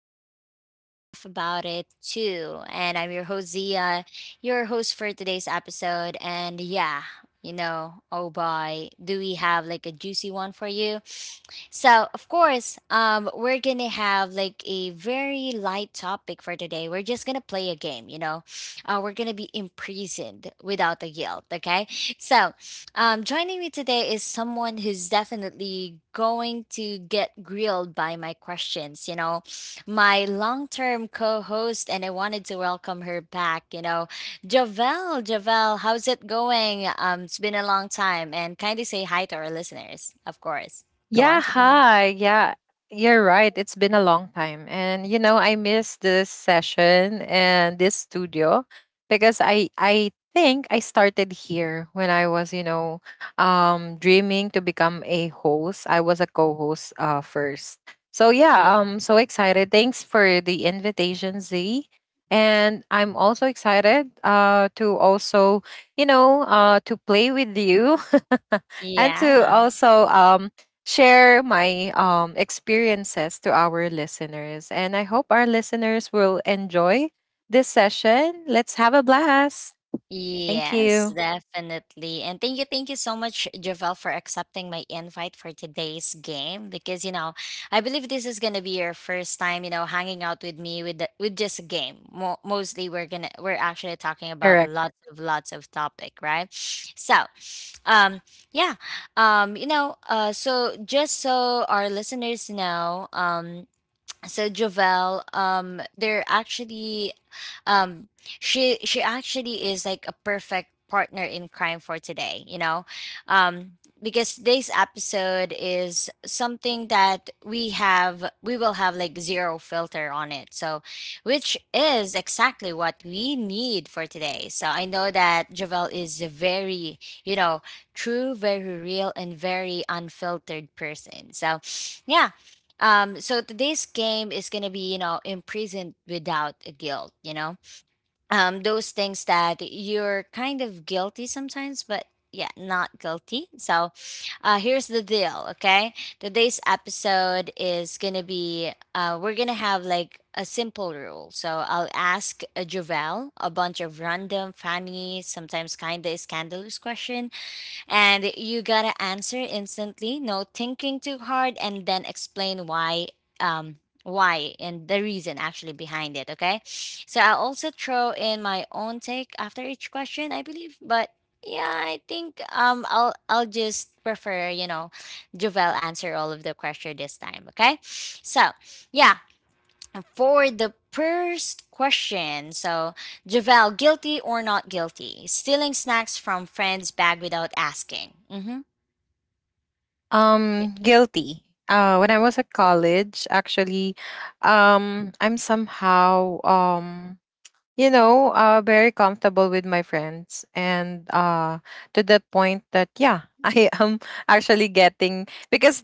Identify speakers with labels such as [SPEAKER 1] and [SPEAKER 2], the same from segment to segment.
[SPEAKER 1] tea and laugh about it too. And I'm your host Zia, your host for today's episode. And yeah, you know, oh boy, do we have like a juicy one for you? So, of course, we're gonna have like a very light topic for today. We're just gonna play a game, you know. We're gonna be imprisoned without the guilt, okay? So, joining me today is someone who's definitely going to get grilled by my questions, you know, my long term co host, and I wanted to welcome her back, you know, Javel. Javel, how's it going? It's been a long time, and kindly say hi to our listeners, of course. Go
[SPEAKER 2] Yeah,
[SPEAKER 1] on, Javel.
[SPEAKER 2] hi. Yeah, you're right. It's been a long time. And you know, I miss this session and this studio because I think I started here when I was, you know, dreaming to become a host. I was a co-host first. So yeah,
[SPEAKER 1] Yeah.
[SPEAKER 2] so excited. Thanks for the invitation, Z. And I'm also excited to also, to play with you and to
[SPEAKER 1] Yeah.
[SPEAKER 2] also share my experiences to our listeners. And I hope our listeners will enjoy this session. Let's have a blast. Thank
[SPEAKER 1] Yes,
[SPEAKER 2] you.
[SPEAKER 1] definitely. And thank you so much, Javel, for accepting my invite for today's game. Because you know, I believe this is gonna be your first time, you know, hanging out with me with with just a game. Mostly, we're actually talking about
[SPEAKER 2] Correct.
[SPEAKER 1] lots of topic, right? So, um, yeah, you know, so just so our listeners know, so Jovel, they're actually, um, she actually is like a perfect partner in crime for today. You know, um, because today's episode is something that we will have like zero filter on it. So, which is exactly what we need for today. So I know that Jovel is a very, you know, true, very real, and very unfiltered person. So, yeah, so today's game is gonna be, you know, imprisoned without a guilt, you know? Those things that you're kind of guilty sometimes, but yeah, not guilty. So here's the deal, okay? Today's episode is gonna be we're gonna have like a simple rule. So I'll ask a Jovel a bunch of random, funny, sometimes kinda scandalous question, and you gotta answer instantly, no thinking too hard, and then explain why. Um, why and the reason actually behind it, okay? So I'll also throw in my own take after each question, I believe, but yeah, I think I'll just prefer, you know, Jovel answer all of the question this time, okay? So yeah, for the first question, so Javel, guilty or not guilty? Stealing snacks from friend's bag without asking. Mm-hmm. Yeah.
[SPEAKER 2] Guilty. When I was at college, actually, I'm somehow very comfortable with my friends, and to the point that yeah, I am actually getting, because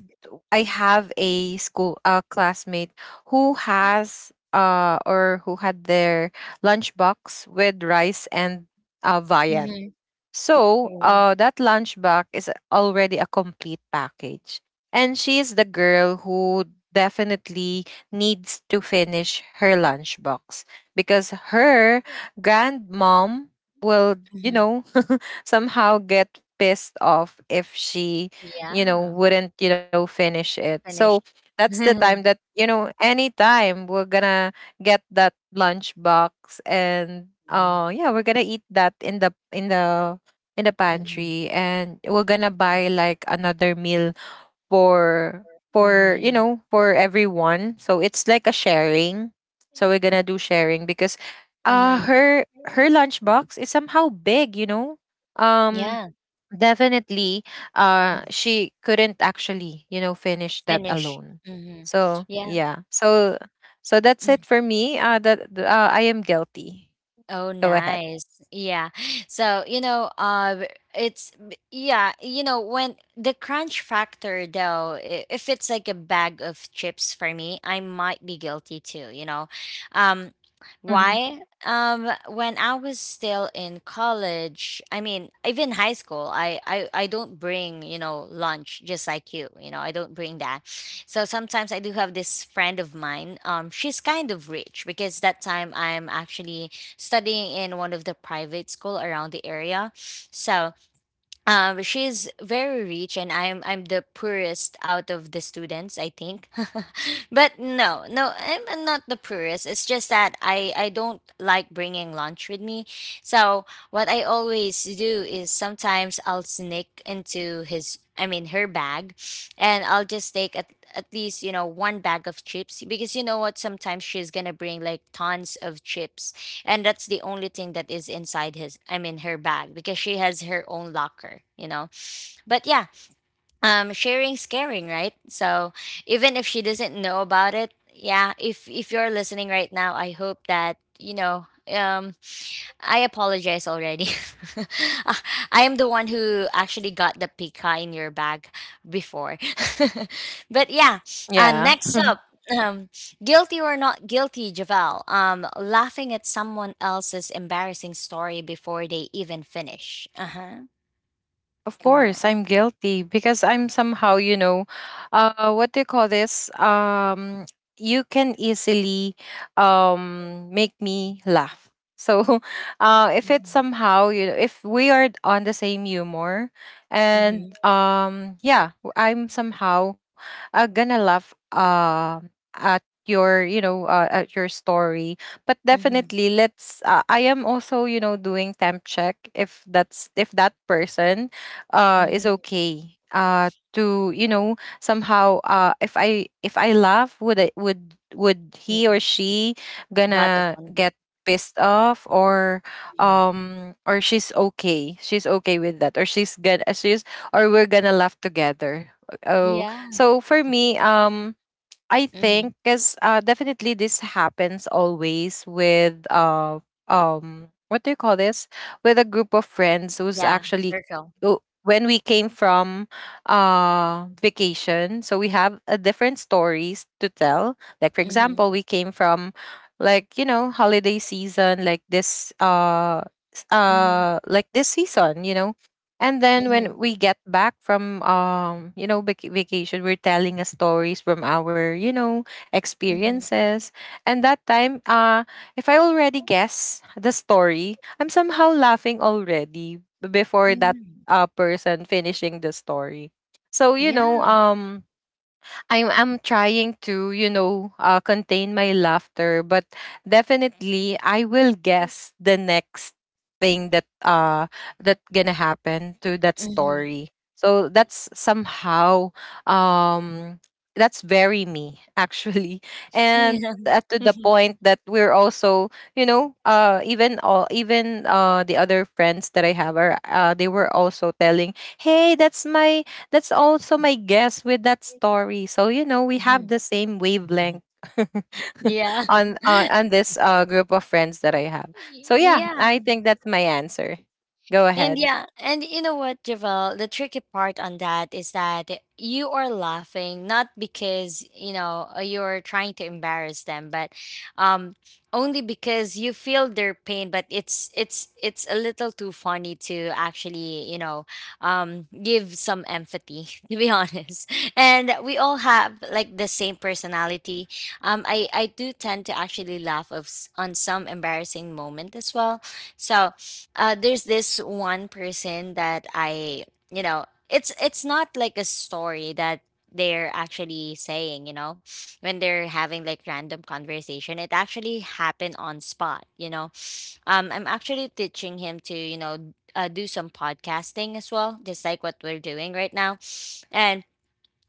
[SPEAKER 2] I have a classmate who has or who had their lunchbox with rice and viand.
[SPEAKER 1] Mm-hmm.
[SPEAKER 2] So that lunchbox is already a complete package, and she is the girl who definitely needs to finish her lunchbox because her grandmom will, you
[SPEAKER 1] Mm-hmm.
[SPEAKER 2] know, somehow get pissed off if she,
[SPEAKER 1] Yeah.
[SPEAKER 2] wouldn't, finish it.
[SPEAKER 1] Finished.
[SPEAKER 2] So that's the
[SPEAKER 1] Mm-hmm.
[SPEAKER 2] time that, anytime we're gonna get that lunch box, and yeah, we're gonna eat that in the in the
[SPEAKER 1] Mm-hmm.
[SPEAKER 2] pantry, and we're gonna buy like another meal for for you know for everyone. So it's like a sharing, so we're gonna do sharing because uh
[SPEAKER 1] Mm-hmm.
[SPEAKER 2] her her lunchbox is somehow big, um
[SPEAKER 1] Yeah.
[SPEAKER 2] definitely
[SPEAKER 1] mm,
[SPEAKER 2] she couldn't actually finish that
[SPEAKER 1] Finish.
[SPEAKER 2] alone.
[SPEAKER 1] Mm-hmm.
[SPEAKER 2] So
[SPEAKER 1] Yeah.
[SPEAKER 2] yeah, so that's it for me, I am guilty.
[SPEAKER 1] Oh,
[SPEAKER 2] Go ahead.
[SPEAKER 1] nice. Yeah. So, you know, yeah, you know, when the crunch factor, though, if it's like a bag of chips for me, I might be guilty too, you know. Um,
[SPEAKER 2] Mhm.
[SPEAKER 1] why? When I was still in college, I mean, even high school, I don't bring, you know, lunch just like you know, I don't bring that. So sometimes I do have this friend of mine. She's kind of rich because that time I'm actually studying in one of the private school around the area. So she's very rich, and I'm the poorest out of the students, I think. But no, I'm not the poorest. It's just that I don't like bringing lunch with me. So what I always do is sometimes I'll sneak into his. I mean her bag, and I'll just take at least, you know, one bag of chips, because you know what, sometimes she's gonna bring like tons of chips, and that's the only thing that is inside his, I mean her bag, because she has her own locker, you know, but yeah, sharing is caring, right? So even if she doesn't know about it, yeah, if you're listening right now, I hope that, you know, um I apologize already. Ah, I am the one who actually got the pika in your bag before. But yeah,
[SPEAKER 2] Yeah.
[SPEAKER 1] next up, um guilty or not guilty, Javel, laughing at someone else's embarrassing story before they even finish? Uh-huh.
[SPEAKER 2] Of
[SPEAKER 1] Go
[SPEAKER 2] course,
[SPEAKER 1] on.
[SPEAKER 2] I'm guilty because I'm somehow, what do you call this? You can easily, make me laugh. So, if it's somehow, if we are on the same humor, and
[SPEAKER 1] Mm-hmm.
[SPEAKER 2] yeah, I'm somehow gonna laugh, at at your story. But
[SPEAKER 1] Mm-hmm.
[SPEAKER 2] definitely, let's. I am also, doing temp check if that's, if that person is
[SPEAKER 1] Mhm.
[SPEAKER 2] okay to, somehow, if I laugh, would I, would
[SPEAKER 1] Yeah.
[SPEAKER 2] he or she
[SPEAKER 1] God
[SPEAKER 2] gonna
[SPEAKER 1] offended.
[SPEAKER 2] get pissed off, or
[SPEAKER 1] Mhm.
[SPEAKER 2] um or she's okay with that, or she's gonna she's or we're gonna laugh together. Oh,
[SPEAKER 1] Yeah.
[SPEAKER 2] so for me, I
[SPEAKER 1] Mhm.
[SPEAKER 2] think because, definitely this happens always with what do you call this, with a group of friends
[SPEAKER 1] Yeah. Circle.
[SPEAKER 2] when we came from vacation. So we have a different stories to tell, like for
[SPEAKER 1] Mhm.
[SPEAKER 2] example, we came from, like, holiday season like this,
[SPEAKER 1] Mhm.
[SPEAKER 2] season, and then when
[SPEAKER 1] Mhm.
[SPEAKER 2] we get back from, vacation, we're telling us stories from our,
[SPEAKER 1] Mhm.
[SPEAKER 2] experiences. And that time, if I already guess the story, I'm somehow laughing already before that
[SPEAKER 1] Mhm.
[SPEAKER 2] person finishing the story. So you know
[SPEAKER 1] Yeah.
[SPEAKER 2] um I'm I'm trying to, contain my laughter, but definitely I will guess the next thing that that gonna happen to that
[SPEAKER 1] Mhm.
[SPEAKER 2] story. So that's somehow um that's very me, actually, and,
[SPEAKER 1] Yeah.
[SPEAKER 2] to the point that we're also, even the other friends that I have are they were also telling, hey, that's also my guess with that story. So, we have the
[SPEAKER 1] Mhm.
[SPEAKER 2] same
[SPEAKER 1] Mhm.
[SPEAKER 2] wavelength
[SPEAKER 1] Yeah.
[SPEAKER 2] on uh, on this group of friends that I have. So, yeah,
[SPEAKER 1] Yeah.
[SPEAKER 2] I think that's my answer. Go
[SPEAKER 1] And
[SPEAKER 2] ahead.
[SPEAKER 1] yeah, and you know what, Javel, the tricky part on that is that you are laughing not because, you know, you're trying to embarrass them, but um only because you feel their pain, but it's a little too funny to actually, you know, give some empathy, to be honest. And we all have like the same personality. Um, I do tend to actually laugh of on some embarrassing moment as well. So, there's this one person that you know, it's not like a story that they're actually saying, you know, when they're having like random conversation. It actually happened on spot, you know. I'm actually teaching him to, you know, do some podcasting as well, just like what we're doing right now, and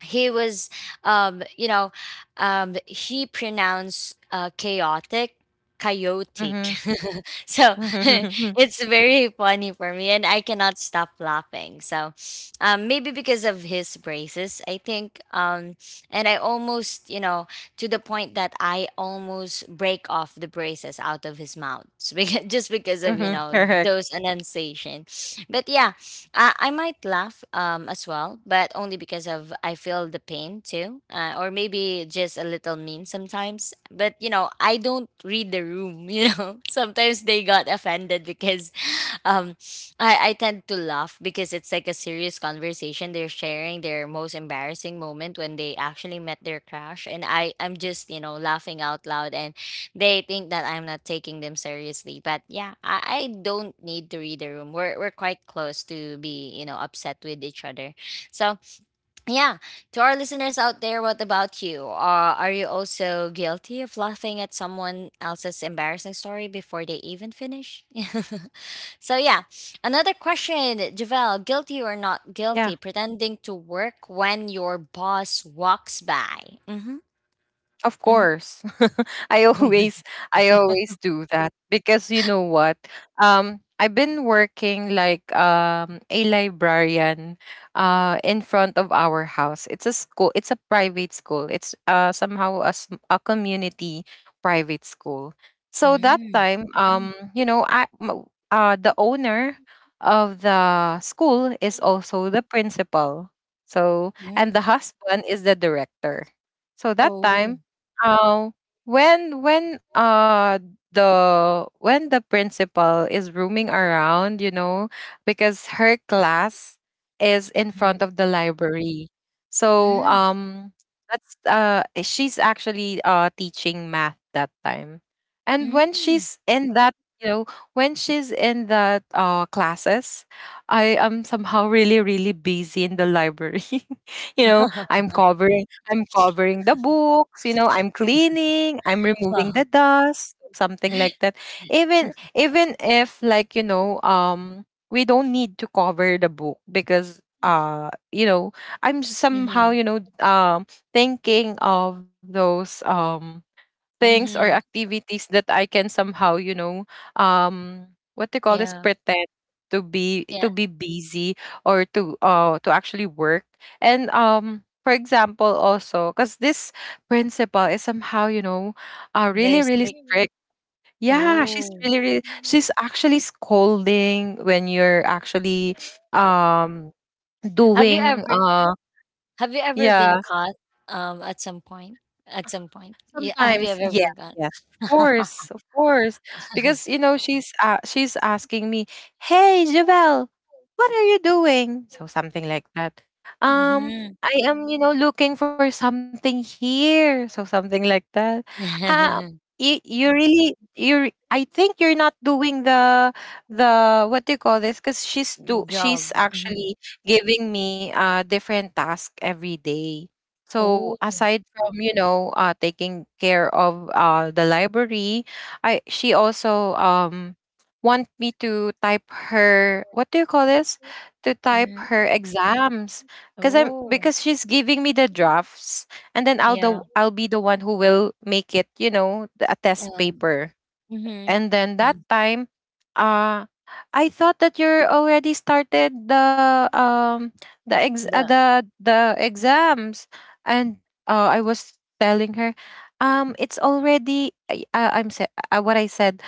[SPEAKER 1] he was you know he pronounced chaotic, chaotic.
[SPEAKER 2] Mm-hmm.
[SPEAKER 1] So it's very funny for me and I cannot stop laughing. So maybe because of his braces, I think, and I almost, you know, to the point that I almost break off the braces out of his mouth because, just because of, you
[SPEAKER 2] Mm-hmm.
[SPEAKER 1] know,
[SPEAKER 2] Correct.
[SPEAKER 1] those enunciation. But yeah, I might laugh as well, but only because of I feel the pain too, or maybe just a little mean sometimes. But you know, I don't read the room. You know, sometimes they got offended because um I tend to laugh because it's like a serious conversation. They're sharing their most embarrassing moment when they actually met their crush, and I'm just, you know, laughing out loud, and they think that I'm not taking them seriously. But yeah, I don't need to read the room. We're quite close to be, you know, upset with each other. So yeah, to our listeners out there, what about you? Are you also guilty of laughing at someone else's embarrassing story before they even finish? So yeah, another question, Javel, guilty or not
[SPEAKER 2] Yeah.
[SPEAKER 1] guilty, pretending to work when your boss walks by? Mm-hmm.
[SPEAKER 2] Of
[SPEAKER 1] Mm-hmm.
[SPEAKER 2] course. I
[SPEAKER 1] Oh
[SPEAKER 2] always
[SPEAKER 1] my
[SPEAKER 2] I always
[SPEAKER 1] god.
[SPEAKER 2] do that because you know what? I've been working like, a librarian in front of our house. It's a school, it's a private school. It's somehow a community private school. So that
[SPEAKER 1] Mm,
[SPEAKER 2] time, the owner of the school is also the principal. So and
[SPEAKER 1] mm.
[SPEAKER 2] the husband is the director. So that
[SPEAKER 1] Oh.
[SPEAKER 2] time, uh, when when uh when the principal is roaming around, because her class is in front
[SPEAKER 1] Mhm.
[SPEAKER 2] of the library. So,
[SPEAKER 1] Mm,
[SPEAKER 2] that's, she's actually teaching math that time. And when
[SPEAKER 1] mm.
[SPEAKER 2] she's in that, you know, when she's in that classes, I am somehow really, really busy in the library. I'm covering, the books, I'm cleaning, I'm removing
[SPEAKER 1] Wow.
[SPEAKER 2] the dust, something like that. Even if, like, we don't need to cover the book because, I'm somehow,
[SPEAKER 1] Mm-hmm.
[SPEAKER 2] thinking of those things or
[SPEAKER 1] Mm-hmm.
[SPEAKER 2] activities that I can somehow, um, what do you call this?
[SPEAKER 1] Yeah.
[SPEAKER 2] Pretend
[SPEAKER 1] Yeah.
[SPEAKER 2] to be busy, or to, to actually work. And, for example, also because this principal is somehow,
[SPEAKER 1] Very
[SPEAKER 2] really, really
[SPEAKER 1] strict.
[SPEAKER 2] strict. Yeah, she's
[SPEAKER 1] Oh.
[SPEAKER 2] really, really, she's actually scolding when you're actually um
[SPEAKER 1] Have you
[SPEAKER 2] doing
[SPEAKER 1] ever have you ever
[SPEAKER 2] yeah.
[SPEAKER 1] been caught at some point? At some point. Yeah, have you
[SPEAKER 2] Sometimes,
[SPEAKER 1] ever
[SPEAKER 2] yeah,
[SPEAKER 1] been caught?
[SPEAKER 2] yes, of course, of course. Because, she's, asking me, "Hey, Javel, what are you doing?" So something like that. Um, I am, looking for something here. So something like that. Um,
[SPEAKER 1] Mm-hmm.
[SPEAKER 2] you really you. I think you're not doing the, what do you call this? Because
[SPEAKER 1] The job.
[SPEAKER 2] she's
[SPEAKER 1] Mhm.
[SPEAKER 2] actually giving me different task every day. So
[SPEAKER 1] Oh.
[SPEAKER 2] aside from, taking care of, the library, I she also want me to type her what do you call this to type
[SPEAKER 1] Mhm.
[SPEAKER 2] her exams, because I'm
[SPEAKER 1] Oh.
[SPEAKER 2] because she's giving me the drafts, and then
[SPEAKER 1] Yeah.
[SPEAKER 2] I'll be the one who will make it, a test
[SPEAKER 1] Um.
[SPEAKER 2] paper,
[SPEAKER 1] Mhm.
[SPEAKER 2] and then that
[SPEAKER 1] Mhm.
[SPEAKER 2] time, uh, I thought that you're already started the ex
[SPEAKER 1] The.
[SPEAKER 2] the exams, and I was telling her, it's already. What I said.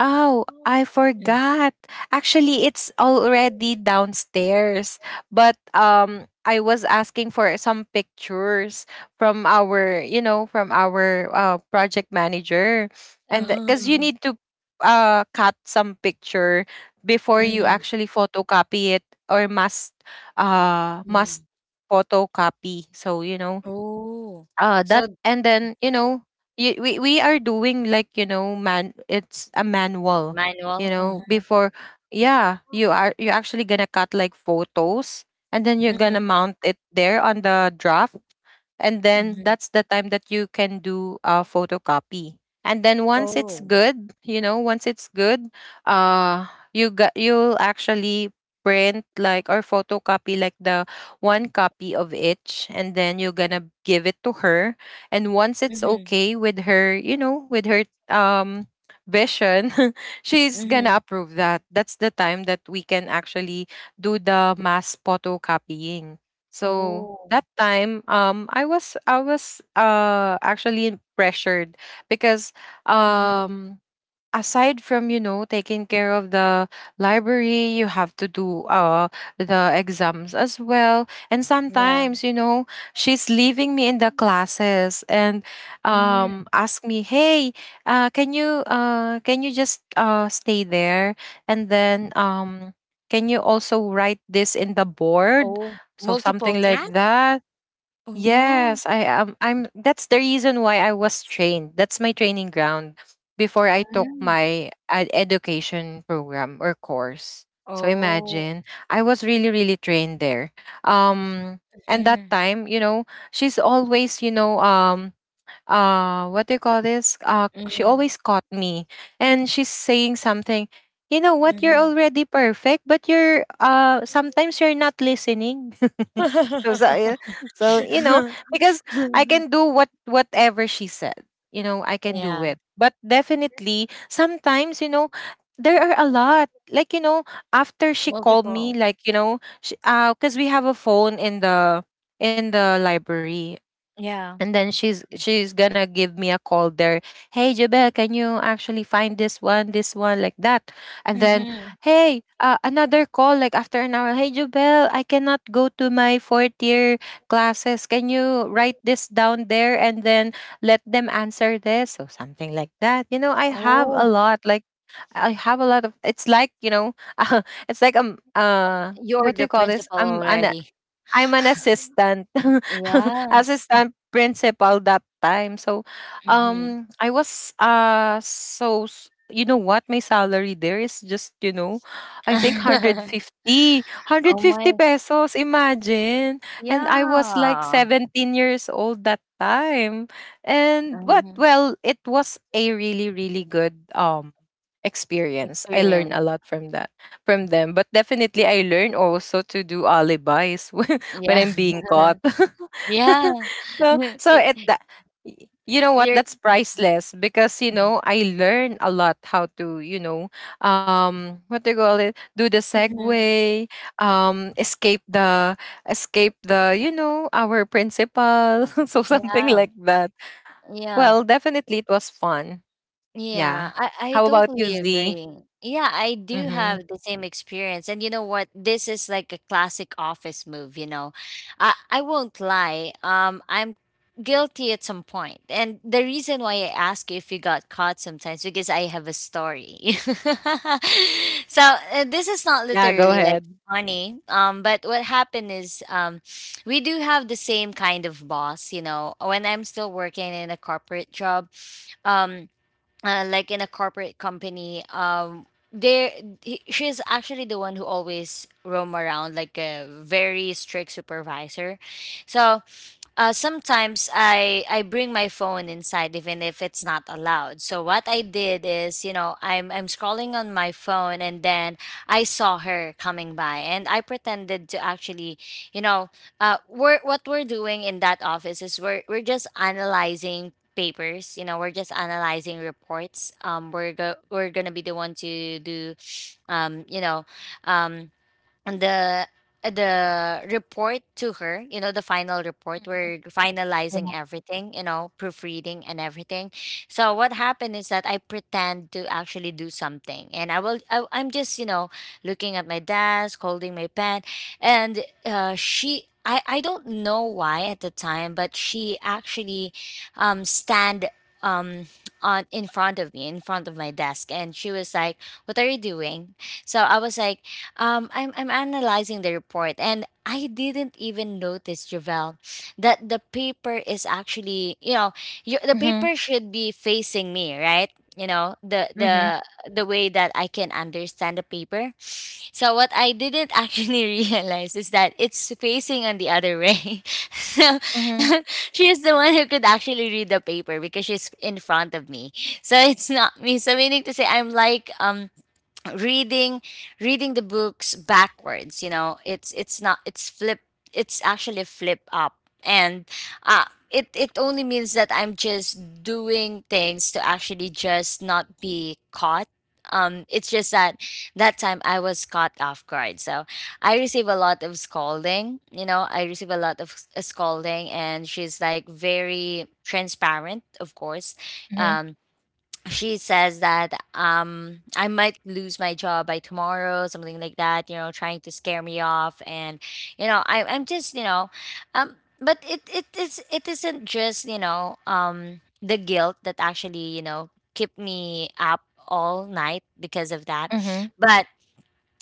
[SPEAKER 2] Oh,
[SPEAKER 1] Oh,
[SPEAKER 2] I
[SPEAKER 1] Mhm.
[SPEAKER 2] forgot. Actually, it's already downstairs. But I was asking for some pictures from our project manager. And cuz you
[SPEAKER 1] Oh.
[SPEAKER 2] need to cut some picture before you
[SPEAKER 1] Mhm.
[SPEAKER 2] actually photocopy it, or must
[SPEAKER 1] Mhm.
[SPEAKER 2] photocopy. So, you know,
[SPEAKER 1] Oh.
[SPEAKER 2] that
[SPEAKER 1] So
[SPEAKER 2] and then you know you, we are doing like, you know, man, it's a manual,
[SPEAKER 1] manual. Uh-huh.
[SPEAKER 2] before. Yeah, you're actually gonna cut like photos, and then you're
[SPEAKER 1] Yeah,
[SPEAKER 2] gonna
[SPEAKER 1] Mhm.
[SPEAKER 2] mount it there on the draft, and then
[SPEAKER 1] Mhm.
[SPEAKER 2] that's the time that you can do a photocopy. And then,
[SPEAKER 1] Oh.
[SPEAKER 2] once it's good, uh you'll actually print like or photocopy like the one copy of each, and then you're gonna give it to her. And once it's
[SPEAKER 1] Mhm.
[SPEAKER 2] okay with her, with her vision, she's gonna
[SPEAKER 1] Mhm.
[SPEAKER 2] approve that. That's the time that we can actually do the mass photocopying. So
[SPEAKER 1] Oh.
[SPEAKER 2] that time, I was actually pressured, because
[SPEAKER 1] Mhm.
[SPEAKER 2] um aside from, taking care of the library, you have to do the exams as well. And
[SPEAKER 1] Yeah.
[SPEAKER 2] sometimes, she's leaving me in the classes, and
[SPEAKER 1] Mhm.
[SPEAKER 2] ask me, "Hey, can you just, stay there, and then can you also write this in the board?"
[SPEAKER 1] Oh.
[SPEAKER 2] So
[SPEAKER 1] Multiple
[SPEAKER 2] something like
[SPEAKER 1] tasks.
[SPEAKER 2] that.
[SPEAKER 1] Uh-huh.
[SPEAKER 2] Yes, I am. I'm. That's the reason why I was trained. That's my training ground before I took
[SPEAKER 1] Mhm.
[SPEAKER 2] my education program or course. So
[SPEAKER 1] Oh.
[SPEAKER 2] imagine, I was really, really trained there. Um, and that
[SPEAKER 1] Mhm.
[SPEAKER 2] time, she's always, what do you call this, she
[SPEAKER 1] Mhm.
[SPEAKER 2] always caught me, and she's saying something, you know what, you're
[SPEAKER 1] Mhm.
[SPEAKER 2] already perfect, but you're sometimes you're not listening. so, so uh, so, because I can do whatever she said, I can do
[SPEAKER 1] Yeah.
[SPEAKER 2] it. But definitely, sometimes, there are a lot, like, after she called me,
[SPEAKER 1] Multiple.
[SPEAKER 2] like, because we have a phone in the, library.
[SPEAKER 1] Yeah.
[SPEAKER 2] And then, she's gonna give me a call there, hey, Jabel, can you actually find this one, this one, like that. And then,
[SPEAKER 1] Mm-hmm.
[SPEAKER 2] hey, another call like after an hour, hey, Jabel, I cannot go to my fourth year classes, can you write this down there and then let them answer this, or something like that. You know I have a
[SPEAKER 1] Oh,
[SPEAKER 2] lot, like, I have a lot of, it's like, it's like,
[SPEAKER 1] you're
[SPEAKER 2] what do
[SPEAKER 1] the
[SPEAKER 2] you call this,
[SPEAKER 1] principal already.
[SPEAKER 2] I'm an assistant,
[SPEAKER 1] Yeah.
[SPEAKER 2] assistant principal that time. So,
[SPEAKER 1] Mm-hmm.
[SPEAKER 2] I was, you know what, my salary there is just, I think hundred fifty, hundred
[SPEAKER 1] Oh my.
[SPEAKER 2] fifty pesos. Imagine, and I was like
[SPEAKER 1] Yeah.
[SPEAKER 2] 17 years old that time, and what?
[SPEAKER 1] Hmm.
[SPEAKER 2] Well, it was a really, really good experience. I learned a
[SPEAKER 1] Experience.
[SPEAKER 2] lot from that from them. But definitely, I learn also to do alibis when
[SPEAKER 1] Yeah.
[SPEAKER 2] I'm being caught.
[SPEAKER 1] Yeah.
[SPEAKER 2] so, so it
[SPEAKER 1] Y-
[SPEAKER 2] that You know what?
[SPEAKER 1] You're.
[SPEAKER 2] That's priceless because I learn a lot how to what do you call it? Do the
[SPEAKER 1] Mm-hmm.
[SPEAKER 2] segue, um, escape the escape the our principal, so something
[SPEAKER 1] Yeah.
[SPEAKER 2] like that.
[SPEAKER 1] Yeah.
[SPEAKER 2] Well, definitely it was fun.
[SPEAKER 1] Yeah,
[SPEAKER 2] Yeah.
[SPEAKER 1] I
[SPEAKER 2] How about you,
[SPEAKER 1] totally
[SPEAKER 2] Z?
[SPEAKER 1] agree. Yeah, I do
[SPEAKER 2] Mm-hmm.
[SPEAKER 1] have the same experience. And you know what? This is like a classic office move, you know. I won't lie. I'm guilty at some point. And the reason why I ask if you got caught sometimes because I have a story. So this is not
[SPEAKER 2] Yeah, go
[SPEAKER 1] literally like
[SPEAKER 2] ahead.
[SPEAKER 1] funny. But what happened is we do have the same kind of boss, you know. When I'm still working in a corporate job, um like in a corporate company, there she's actually the one who always roam around like a very strict supervisor. So sometimes I bring my phone inside even if it's not allowed. So what I did is, you know, I'm scrolling on my phone, and then I saw her coming by, and I pretended to actually, you know, we're what we're doing in that office is we're just analyzing papers, you know, we're just analyzing reports. Um, we're we're gonna be the one to do you know um the the report to her, you know, the final report, we're
[SPEAKER 2] Yeah.
[SPEAKER 1] finalizing everything, you know, proofreading and everything. So what happened is that I pretend to actually do something, and I'm just, you know, looking at my desk, holding my pen, and she I don't know why at the time, but she actually stand um on in front of me, in front of my desk, and she was like, what are you doing? So I was like, I'm analyzing the report, and I didn't even notice, Javel, that the paper is actually, you know, the
[SPEAKER 2] Mhm.
[SPEAKER 1] paper should be facing me, right? You know,
[SPEAKER 2] Mhm,
[SPEAKER 1] the way that I can understand the paper. So what I didn't actually realize is that it's facing on the other way. so
[SPEAKER 2] mhm,
[SPEAKER 1] she's the one who could actually read the paper because she's in front of me. So it's not me. So meaning to say, I'm like reading reading the books backwards. It's not, it's flip, it's actually flip up. And it only means that I'm just doing things to actually just not be caught. It's just that that time I was caught off guard, so I receive a lot of scolding. I receive a lot of scolding, and she's like very transparent, of course.
[SPEAKER 2] mhm,
[SPEAKER 1] Um, she says that I might lose my job by tomorrow, something like that, you know, trying to scare me off. And you know, I I'm just, you know, but it isn't just, you know, the guilt that actually, you know, kept me up all night because of that.
[SPEAKER 2] mhm,
[SPEAKER 1] But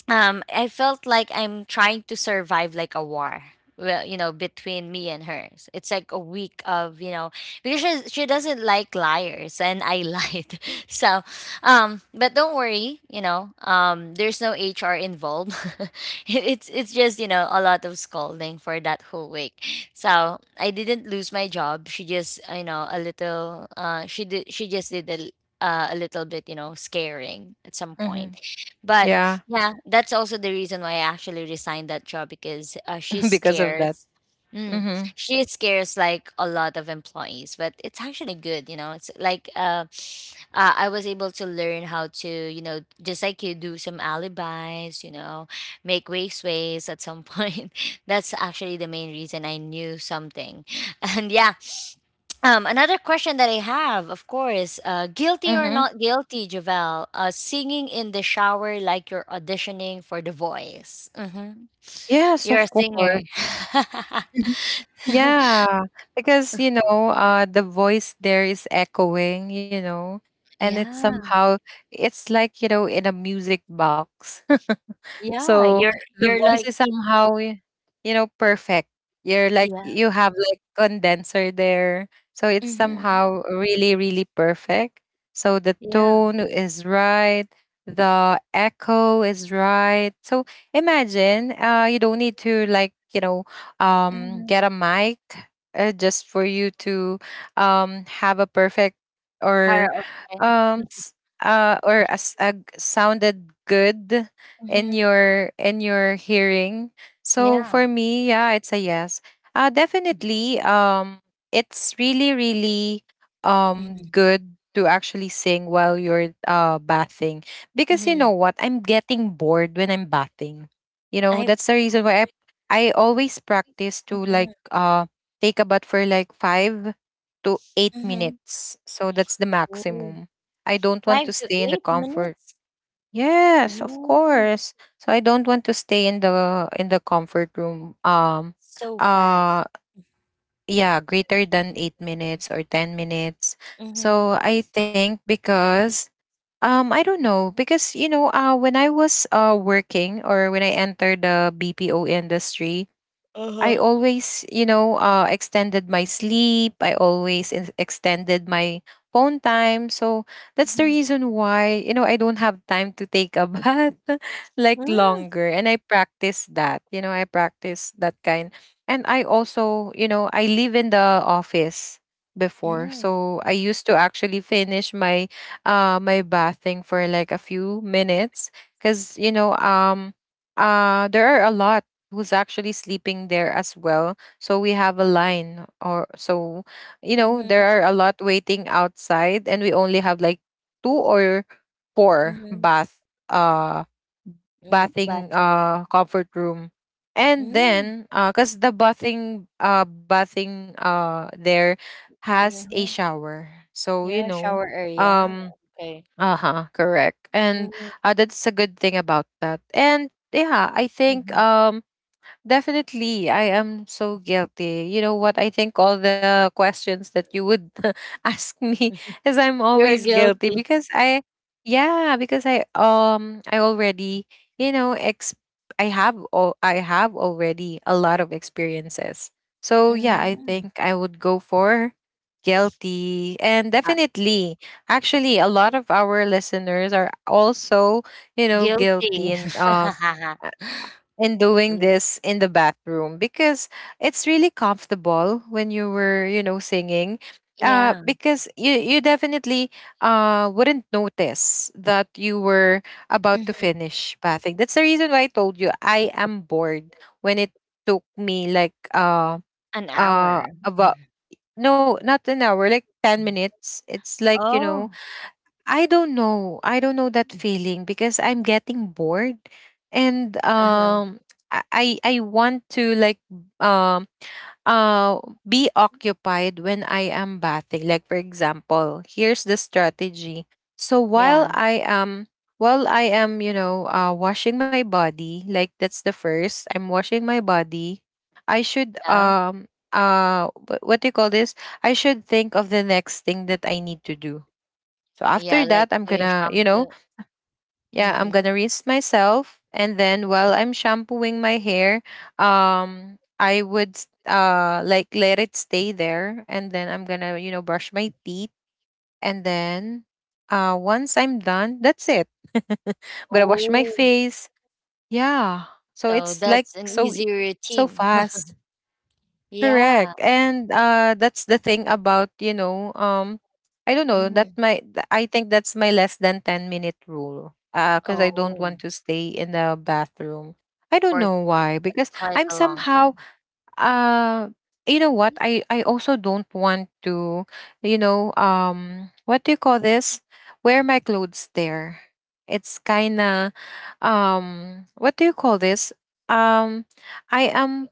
[SPEAKER 1] I felt like I'm trying to survive like a war. Well, you know, between me and hers, it's like a week of, you know, because she doesn't like liars, and I lied. So but don't worry, you know, there's no HR involved. It's just, you know, a lot of scolding for that whole week, so I didn't lose my job. She just, you know, a little she just did a, a little bit, you know, scaring at some point.
[SPEAKER 2] mhm.
[SPEAKER 1] But
[SPEAKER 2] Yeah,
[SPEAKER 1] yeah, that's also the reason why I actually resigned that job, because she
[SPEAKER 2] because of that.
[SPEAKER 1] scares. Mm,
[SPEAKER 2] Mhm,
[SPEAKER 1] she scares like a lot of employees, but it's actually good, you know. It's like I was able to learn how to, you know, just like you do some alibis, you know, make waste ways at some point. That's actually the main reason I knew something, and yeah, another question that I have, of course, guilty or
[SPEAKER 2] mhm.
[SPEAKER 1] not guilty, Javel, singing in the shower like you're auditioning for The Voice. Hmm.
[SPEAKER 2] Yes,
[SPEAKER 1] You're
[SPEAKER 2] of
[SPEAKER 1] a singer.
[SPEAKER 2] course. Yeah, because the voice there is echoing, and it's
[SPEAKER 1] Yeah,
[SPEAKER 2] somehow it's like in a music box.
[SPEAKER 1] yeah.
[SPEAKER 2] So the
[SPEAKER 1] You're
[SPEAKER 2] voice
[SPEAKER 1] like
[SPEAKER 2] is somehow, perfect. You're like
[SPEAKER 1] yeah,
[SPEAKER 2] you have like condenser there. So it's
[SPEAKER 1] hmm
[SPEAKER 2] somehow really, really perfect. So the
[SPEAKER 1] yeah.
[SPEAKER 2] tone is right. The echo is right. So imagine you don't need to like,
[SPEAKER 1] Hmm.
[SPEAKER 2] get a mic just for you to have a perfect or
[SPEAKER 1] Karaoke.
[SPEAKER 2] um s- or a, a sounded good
[SPEAKER 1] Hmm.
[SPEAKER 2] in your hearing. So
[SPEAKER 1] Yeah.
[SPEAKER 2] for me, yeah, it's a yes. Definitely it's really really
[SPEAKER 1] Hmm.
[SPEAKER 2] good to actually sing while you're bathing because you
[SPEAKER 1] Hmm.
[SPEAKER 2] know what? I'm getting bored when I'm bathing. You know,
[SPEAKER 1] I.
[SPEAKER 2] that's the reason why I always practice to
[SPEAKER 1] Hmm.
[SPEAKER 2] like take a bath for like 5 to 8
[SPEAKER 1] Hmm.
[SPEAKER 2] minutes. So that's the
[SPEAKER 1] Ooh,
[SPEAKER 2] maximum. I don't want to
[SPEAKER 1] five to
[SPEAKER 2] stay in the
[SPEAKER 1] eight
[SPEAKER 2] comfort.
[SPEAKER 1] minutes.
[SPEAKER 2] Yes, of
[SPEAKER 1] Oh,
[SPEAKER 2] course. So I don't want to stay in the comfort room.
[SPEAKER 1] it's so fast.
[SPEAKER 2] Uh yeah, greater than 8 minutes or 10 minutes.
[SPEAKER 1] Mm-hmm.
[SPEAKER 2] So I think because I don't know because when I was working or when I entered the BPO industry, I
[SPEAKER 1] Uh-huh.
[SPEAKER 2] always, you know, extended my sleep. I always extended my phone time. So that's the
[SPEAKER 1] Mhm.
[SPEAKER 2] reason why, you know, I don't have time to take a bath like
[SPEAKER 1] Mm,
[SPEAKER 2] longer. And I practice that, you know, I practice that kind. And I also, you know, I live in the office before.
[SPEAKER 1] mm,
[SPEAKER 2] So I used to actually finish my my bathing for like a few minutes because, there are a lot who's actually sleeping there as well. So we have a line or so, you know,
[SPEAKER 1] mhm,
[SPEAKER 2] there are a lot waiting outside and we only have like two or four
[SPEAKER 1] mhm,
[SPEAKER 2] bath, uh
[SPEAKER 1] mm,
[SPEAKER 2] bathing
[SPEAKER 1] bathroom.
[SPEAKER 2] comfort room. And
[SPEAKER 1] Mm,
[SPEAKER 2] then cuz the bathing there has a
[SPEAKER 1] mhm.
[SPEAKER 2] shower. So you
[SPEAKER 1] Yeah,
[SPEAKER 2] know,
[SPEAKER 1] shower area.
[SPEAKER 2] um
[SPEAKER 1] Okay.
[SPEAKER 2] uh-huh, correct. And
[SPEAKER 1] Mm,
[SPEAKER 2] that's a good thing about that. And yeah, I think
[SPEAKER 1] mhm.
[SPEAKER 2] definitely, I am so guilty. You know what? I think all the questions that you would ask me is I'm
[SPEAKER 1] You're
[SPEAKER 2] always guilty
[SPEAKER 1] guilty.
[SPEAKER 2] because yeah, because I already you know ex I have all I have already a lot of experiences. So yeah, I
[SPEAKER 1] Mhm.
[SPEAKER 2] think I would go for guilty and
[SPEAKER 1] Uh,
[SPEAKER 2] definitely actually a lot of our listeners are also, you know,
[SPEAKER 1] guilty.
[SPEAKER 2] guilty and in doing
[SPEAKER 1] Ye
[SPEAKER 2] this in the bathroom because it's really comfortable when you were, you know, singing
[SPEAKER 1] yeah,
[SPEAKER 2] because you definitely wouldn't notice that you were about to
[SPEAKER 1] mhm,
[SPEAKER 2] finish bathing. That's the reason why I told you I am bored when it took me like
[SPEAKER 1] an hour. Mhm,
[SPEAKER 2] about, no, not an hour, like 10
[SPEAKER 1] mhm.
[SPEAKER 2] minutes. It's like you know,
[SPEAKER 1] Oh.
[SPEAKER 2] I don't know. I don't know that
[SPEAKER 1] Mm,
[SPEAKER 2] feeling because I'm getting bored and
[SPEAKER 1] uh-huh,
[SPEAKER 2] I want to like um uh be occupied when I am bathing. Like for example, here's the strategy. So while
[SPEAKER 1] yeah,
[SPEAKER 2] I am, while I am, you know, washing my body, like that's the first, I'm washing my body. I should
[SPEAKER 1] yeah.
[SPEAKER 2] what do you call this? I should think of the next thing that I need to do. So
[SPEAKER 1] Yeah,
[SPEAKER 2] after
[SPEAKER 1] like
[SPEAKER 2] that, I'm
[SPEAKER 1] doing
[SPEAKER 2] gonna, you know,
[SPEAKER 1] shampoo.
[SPEAKER 2] yeah, I'm
[SPEAKER 1] Mhm.
[SPEAKER 2] gonna rinse myself, and then while I'm shampooing my hair, I would like let it stay there, and then I'm gonna, you know, brush my teeth, and then once I'm done, that's it. I'm gonna wash my
[SPEAKER 1] Oh,
[SPEAKER 2] face. Yeah. So
[SPEAKER 1] so
[SPEAKER 2] it's like
[SPEAKER 1] that's an
[SPEAKER 2] so,
[SPEAKER 1] easy
[SPEAKER 2] so
[SPEAKER 1] routine.
[SPEAKER 2] fast.
[SPEAKER 1] Yeah.
[SPEAKER 2] Correct. And that's the thing about, I don't know, that
[SPEAKER 1] Hmm.
[SPEAKER 2] I think that's my less than 10 minute rule. Cuz I don't
[SPEAKER 1] Oh,
[SPEAKER 2] want to stay in the bathroom. I don't
[SPEAKER 1] for
[SPEAKER 2] know why because
[SPEAKER 1] quite
[SPEAKER 2] I'm
[SPEAKER 1] a long
[SPEAKER 2] somehow
[SPEAKER 1] time.
[SPEAKER 2] uh you know what? I also don't want to, what do you call this? Wear my clothes there. It's kind of what do you call this? Um I am,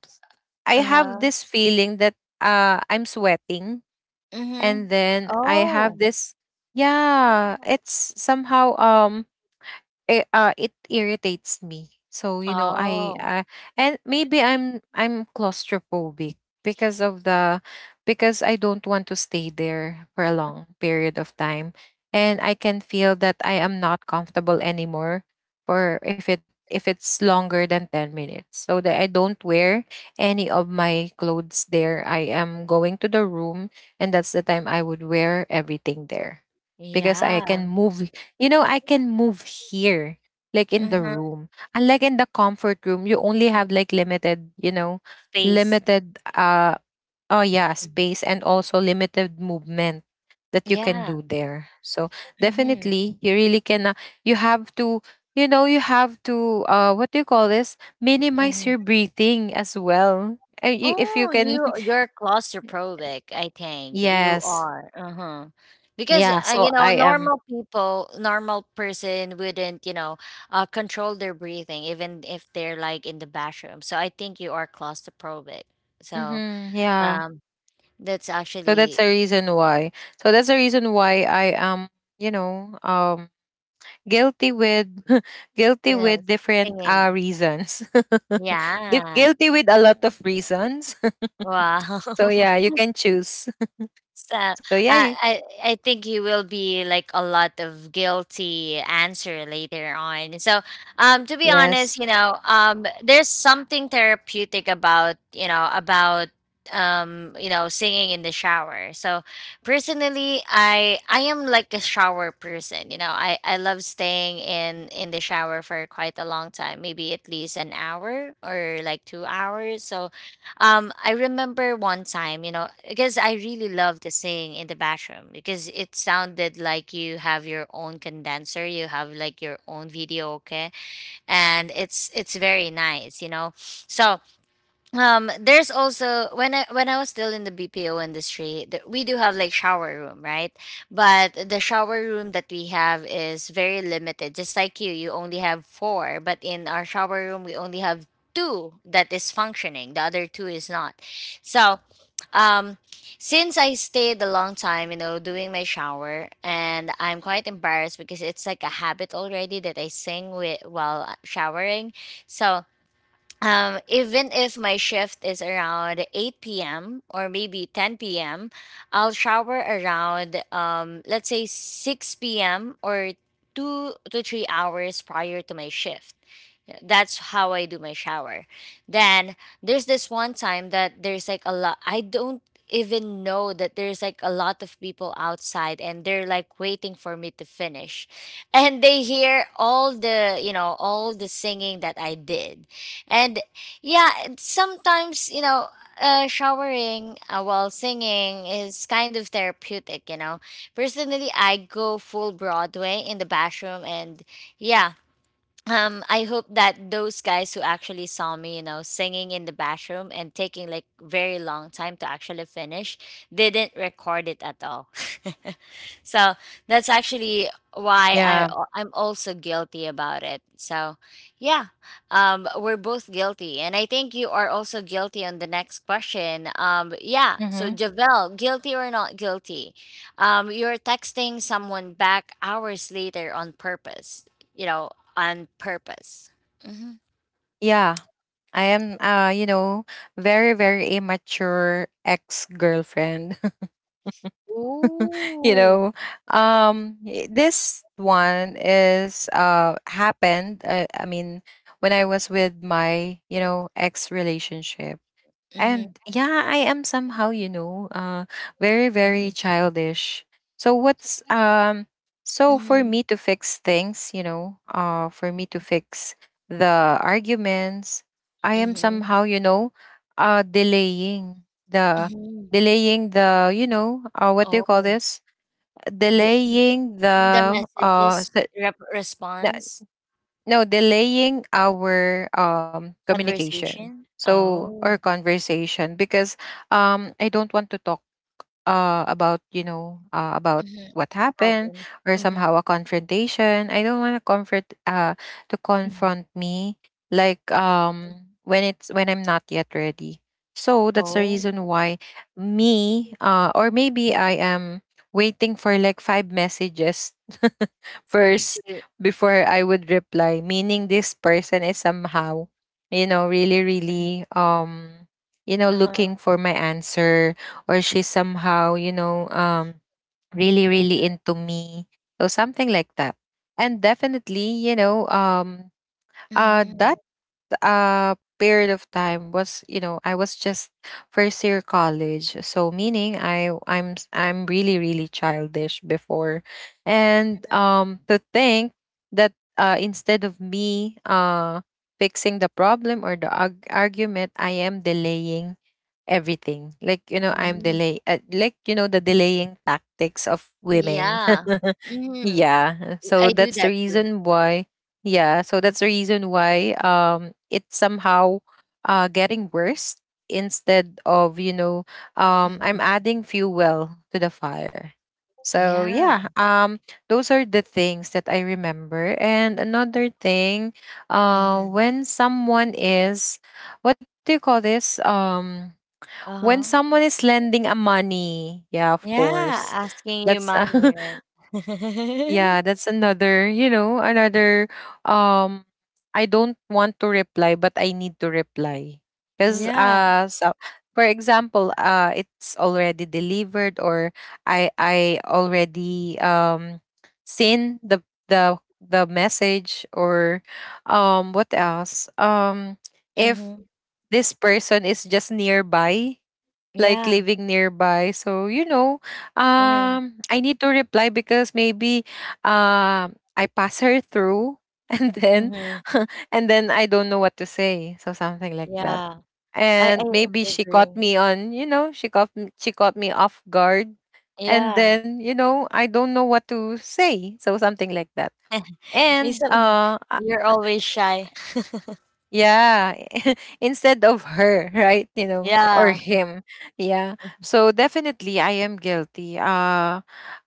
[SPEAKER 2] I have
[SPEAKER 1] Uh-huh.
[SPEAKER 2] this feeling that I'm sweating,
[SPEAKER 1] Mm-hmm.
[SPEAKER 2] and then I have
[SPEAKER 1] Oh.
[SPEAKER 2] this. Yeah, it's somehow it irritates me. So you know, I
[SPEAKER 1] Oh.
[SPEAKER 2] and maybe I'm claustrophobic because of the, because I don't want to stay there for a long period of time, and I can feel that I am not comfortable anymore. For if it, if it's longer than 10 minutes, so that I don't wear any of my clothes there. I am going to the room, and that's the time I would wear everything there because I
[SPEAKER 1] Yeah.
[SPEAKER 2] can move, you know, I can move here, like in the
[SPEAKER 1] Mm-hmm.
[SPEAKER 2] room. Unlike in the comfort room, you only have like limited, you know,
[SPEAKER 1] Space.
[SPEAKER 2] limited oh yeah,
[SPEAKER 1] Mhm.
[SPEAKER 2] space and also limited movement that you can
[SPEAKER 1] Yeah.
[SPEAKER 2] do there. So
[SPEAKER 1] Mm-hmm.
[SPEAKER 2] definitely you really can, you have to, you know, you have to what do you call this? Minimize
[SPEAKER 1] Mm-hmm.
[SPEAKER 2] your breathing as well. If you
[SPEAKER 1] Oh, you
[SPEAKER 2] can.
[SPEAKER 1] you're claustrophobic, I think. You
[SPEAKER 2] Yes.
[SPEAKER 1] are. Uh-huh. Because
[SPEAKER 2] Yeah,
[SPEAKER 1] you
[SPEAKER 2] so
[SPEAKER 1] know,
[SPEAKER 2] I am.
[SPEAKER 1] normal people, normal person wouldn't, you know, control their breathing even if they're like in the bathroom. So I think you are claustrophobic. So
[SPEAKER 2] Hmm, yeah.
[SPEAKER 1] um that's
[SPEAKER 2] So that's
[SPEAKER 1] actually,
[SPEAKER 2] the reason why. So that's the reason why I am, you know, um guilty with, guilty
[SPEAKER 1] you know,
[SPEAKER 2] with different
[SPEAKER 1] singing.
[SPEAKER 2] reasons.
[SPEAKER 1] Yeah.
[SPEAKER 2] Guilty with a lot of reasons.
[SPEAKER 1] Wow.
[SPEAKER 2] So yeah, you can choose.
[SPEAKER 1] So
[SPEAKER 2] So yeah, you,
[SPEAKER 1] I think you will be like a lot of guilty answer later on. So to be
[SPEAKER 2] yes.
[SPEAKER 1] honest, you know, there's something therapeutic about you know singing in the shower. So personally, I am like a shower person, you know. I love staying in the shower for quite a long time, maybe at least an hour or like 2 hours. So I remember one time, you know, because I really love to sing in the bathroom because it sounded like you have your own condenser, you have like your own video, okay, and it's very nice, you know. So there's also when I was still in the BPO industry we do have like shower room, right? But the shower room that we have is very limited. Just like you only have four, but in our shower room we only have two that is functioning, the other two is not. So um since I stayed a long time, you know, doing my shower, and I'm quite embarrassed because it's like a habit already that I sing with while showering. So even if my shift is around 8 p.m. or maybe 10 p.m., I'll shower around, let's say 6 p.m. or 2 to 3 hours prior to my shift. That's how I do my shower. Then there's this one time that there's like a lot, I don't even know that there's like a lot of people outside and they're like waiting for me to finish. And they hear all the, you know, all the singing that I did. And yeah, sometimes, you know, showering while singing is kind of therapeutic, you know. Personally, I go full Broadway in the bathroom, and yeah, I hope that those guys who actually saw me, you know, singing in the bathroom and taking like very long time to actually finish didn't record it at all. So that's actually why
[SPEAKER 2] Yeah.
[SPEAKER 1] I'm also guilty about it. So yeah, we're both guilty, and I think you are also guilty on the next question. Yeah, so
[SPEAKER 2] Mhm.
[SPEAKER 1] Javel, guilty or not guilty? You're texting someone back hours later on purpose. You know, on purpose. Mm-hmm.
[SPEAKER 2] Yeah. I am you know, very very immature ex-girlfriend. you
[SPEAKER 1] Ooh.
[SPEAKER 2] know this one is happened, I mean when I was with my, you know, ex relationship,
[SPEAKER 1] Mm-hmm.
[SPEAKER 2] and yeah, I am somehow, you know, very,
[SPEAKER 1] Mm-hmm.
[SPEAKER 2] very childish. So what's so for me to fix things, you know, for me to fix the arguments, I am
[SPEAKER 1] Mm-hmm.
[SPEAKER 2] somehow, you know, delaying the,
[SPEAKER 1] Mm-hmm.
[SPEAKER 2] you know, what do you call
[SPEAKER 1] Oh.
[SPEAKER 2] this? Delaying
[SPEAKER 1] The
[SPEAKER 2] the
[SPEAKER 1] messages, rep
[SPEAKER 2] s-
[SPEAKER 1] response,
[SPEAKER 2] no, delaying our communication,
[SPEAKER 1] conversation?
[SPEAKER 2] so or
[SPEAKER 1] Oh,
[SPEAKER 2] conversation, because I don't want to talk, about, about
[SPEAKER 1] mhm,
[SPEAKER 2] what happened
[SPEAKER 1] problems.
[SPEAKER 2] or
[SPEAKER 1] Mhm,
[SPEAKER 2] somehow a confrontation. I don't want to comfort, to
[SPEAKER 1] mhm.
[SPEAKER 2] confront me, like when it's, when I'm not yet ready. So that's the
[SPEAKER 1] Oh,
[SPEAKER 2] reason why me, or maybe I am waiting for like 5 messages first
[SPEAKER 1] to
[SPEAKER 2] before I would reply, meaning this person is somehow, you know, really really, you know,
[SPEAKER 1] uh-huh.
[SPEAKER 2] looking for my answer, or she's somehow, really,
[SPEAKER 1] Uh,
[SPEAKER 2] really into me. So something like that. And definitely, that
[SPEAKER 1] mhm,
[SPEAKER 2] period of time was, you know, I was just first year college. So meaning I'm really, really childish before. And to think that instead of me fixing the problem or the argument, I am delaying everything. Like you know, I'm
[SPEAKER 1] mm.
[SPEAKER 2] delay. Like you know, the delaying tactics of women.
[SPEAKER 1] Yeah. Mhm.
[SPEAKER 2] Yeah. So
[SPEAKER 1] I do
[SPEAKER 2] that's the
[SPEAKER 1] that too.
[SPEAKER 2] reason why. Yeah. So that's the reason why. It's somehow, getting worse instead of you know, I'm
[SPEAKER 1] Mhm.
[SPEAKER 2] adding fuel well to the fire. So
[SPEAKER 1] Yeah.
[SPEAKER 2] yeah, those are the things that I remember. And another thing,
[SPEAKER 1] Mhm.
[SPEAKER 2] when someone is, what do you call this? When
[SPEAKER 1] Uh-huh.
[SPEAKER 2] someone is lending a money, yeah, of
[SPEAKER 1] Yeah,
[SPEAKER 2] course,
[SPEAKER 1] asking you
[SPEAKER 2] that's,
[SPEAKER 1] money, right?
[SPEAKER 2] yeah, that's another, you know, another um I don't want to reply but I need to reply because
[SPEAKER 1] Yeah.
[SPEAKER 2] so for example it's already delivered or I already seen the the message or what else if
[SPEAKER 1] Mhm.
[SPEAKER 2] this person is just nearby, like
[SPEAKER 1] Yeah.
[SPEAKER 2] living nearby. So, you know,
[SPEAKER 1] Yeah.
[SPEAKER 2] I need to reply because maybe I pass her through and then
[SPEAKER 1] Mhm.
[SPEAKER 2] and then I don't know what to say. So something like that.
[SPEAKER 1] Yeah. I I
[SPEAKER 2] And maybe
[SPEAKER 1] I
[SPEAKER 2] she caught
[SPEAKER 1] agree.
[SPEAKER 2] me on, you know, she caught me off guard. And
[SPEAKER 1] Yeah.
[SPEAKER 2] then, you know, I don't know what to say. So something like that.
[SPEAKER 1] You
[SPEAKER 2] And
[SPEAKER 1] some you're always shy.
[SPEAKER 2] yeah, instead of her, right? You know, or
[SPEAKER 1] Yeah.
[SPEAKER 2] him. Yeah. So definitely I am guilty. Uh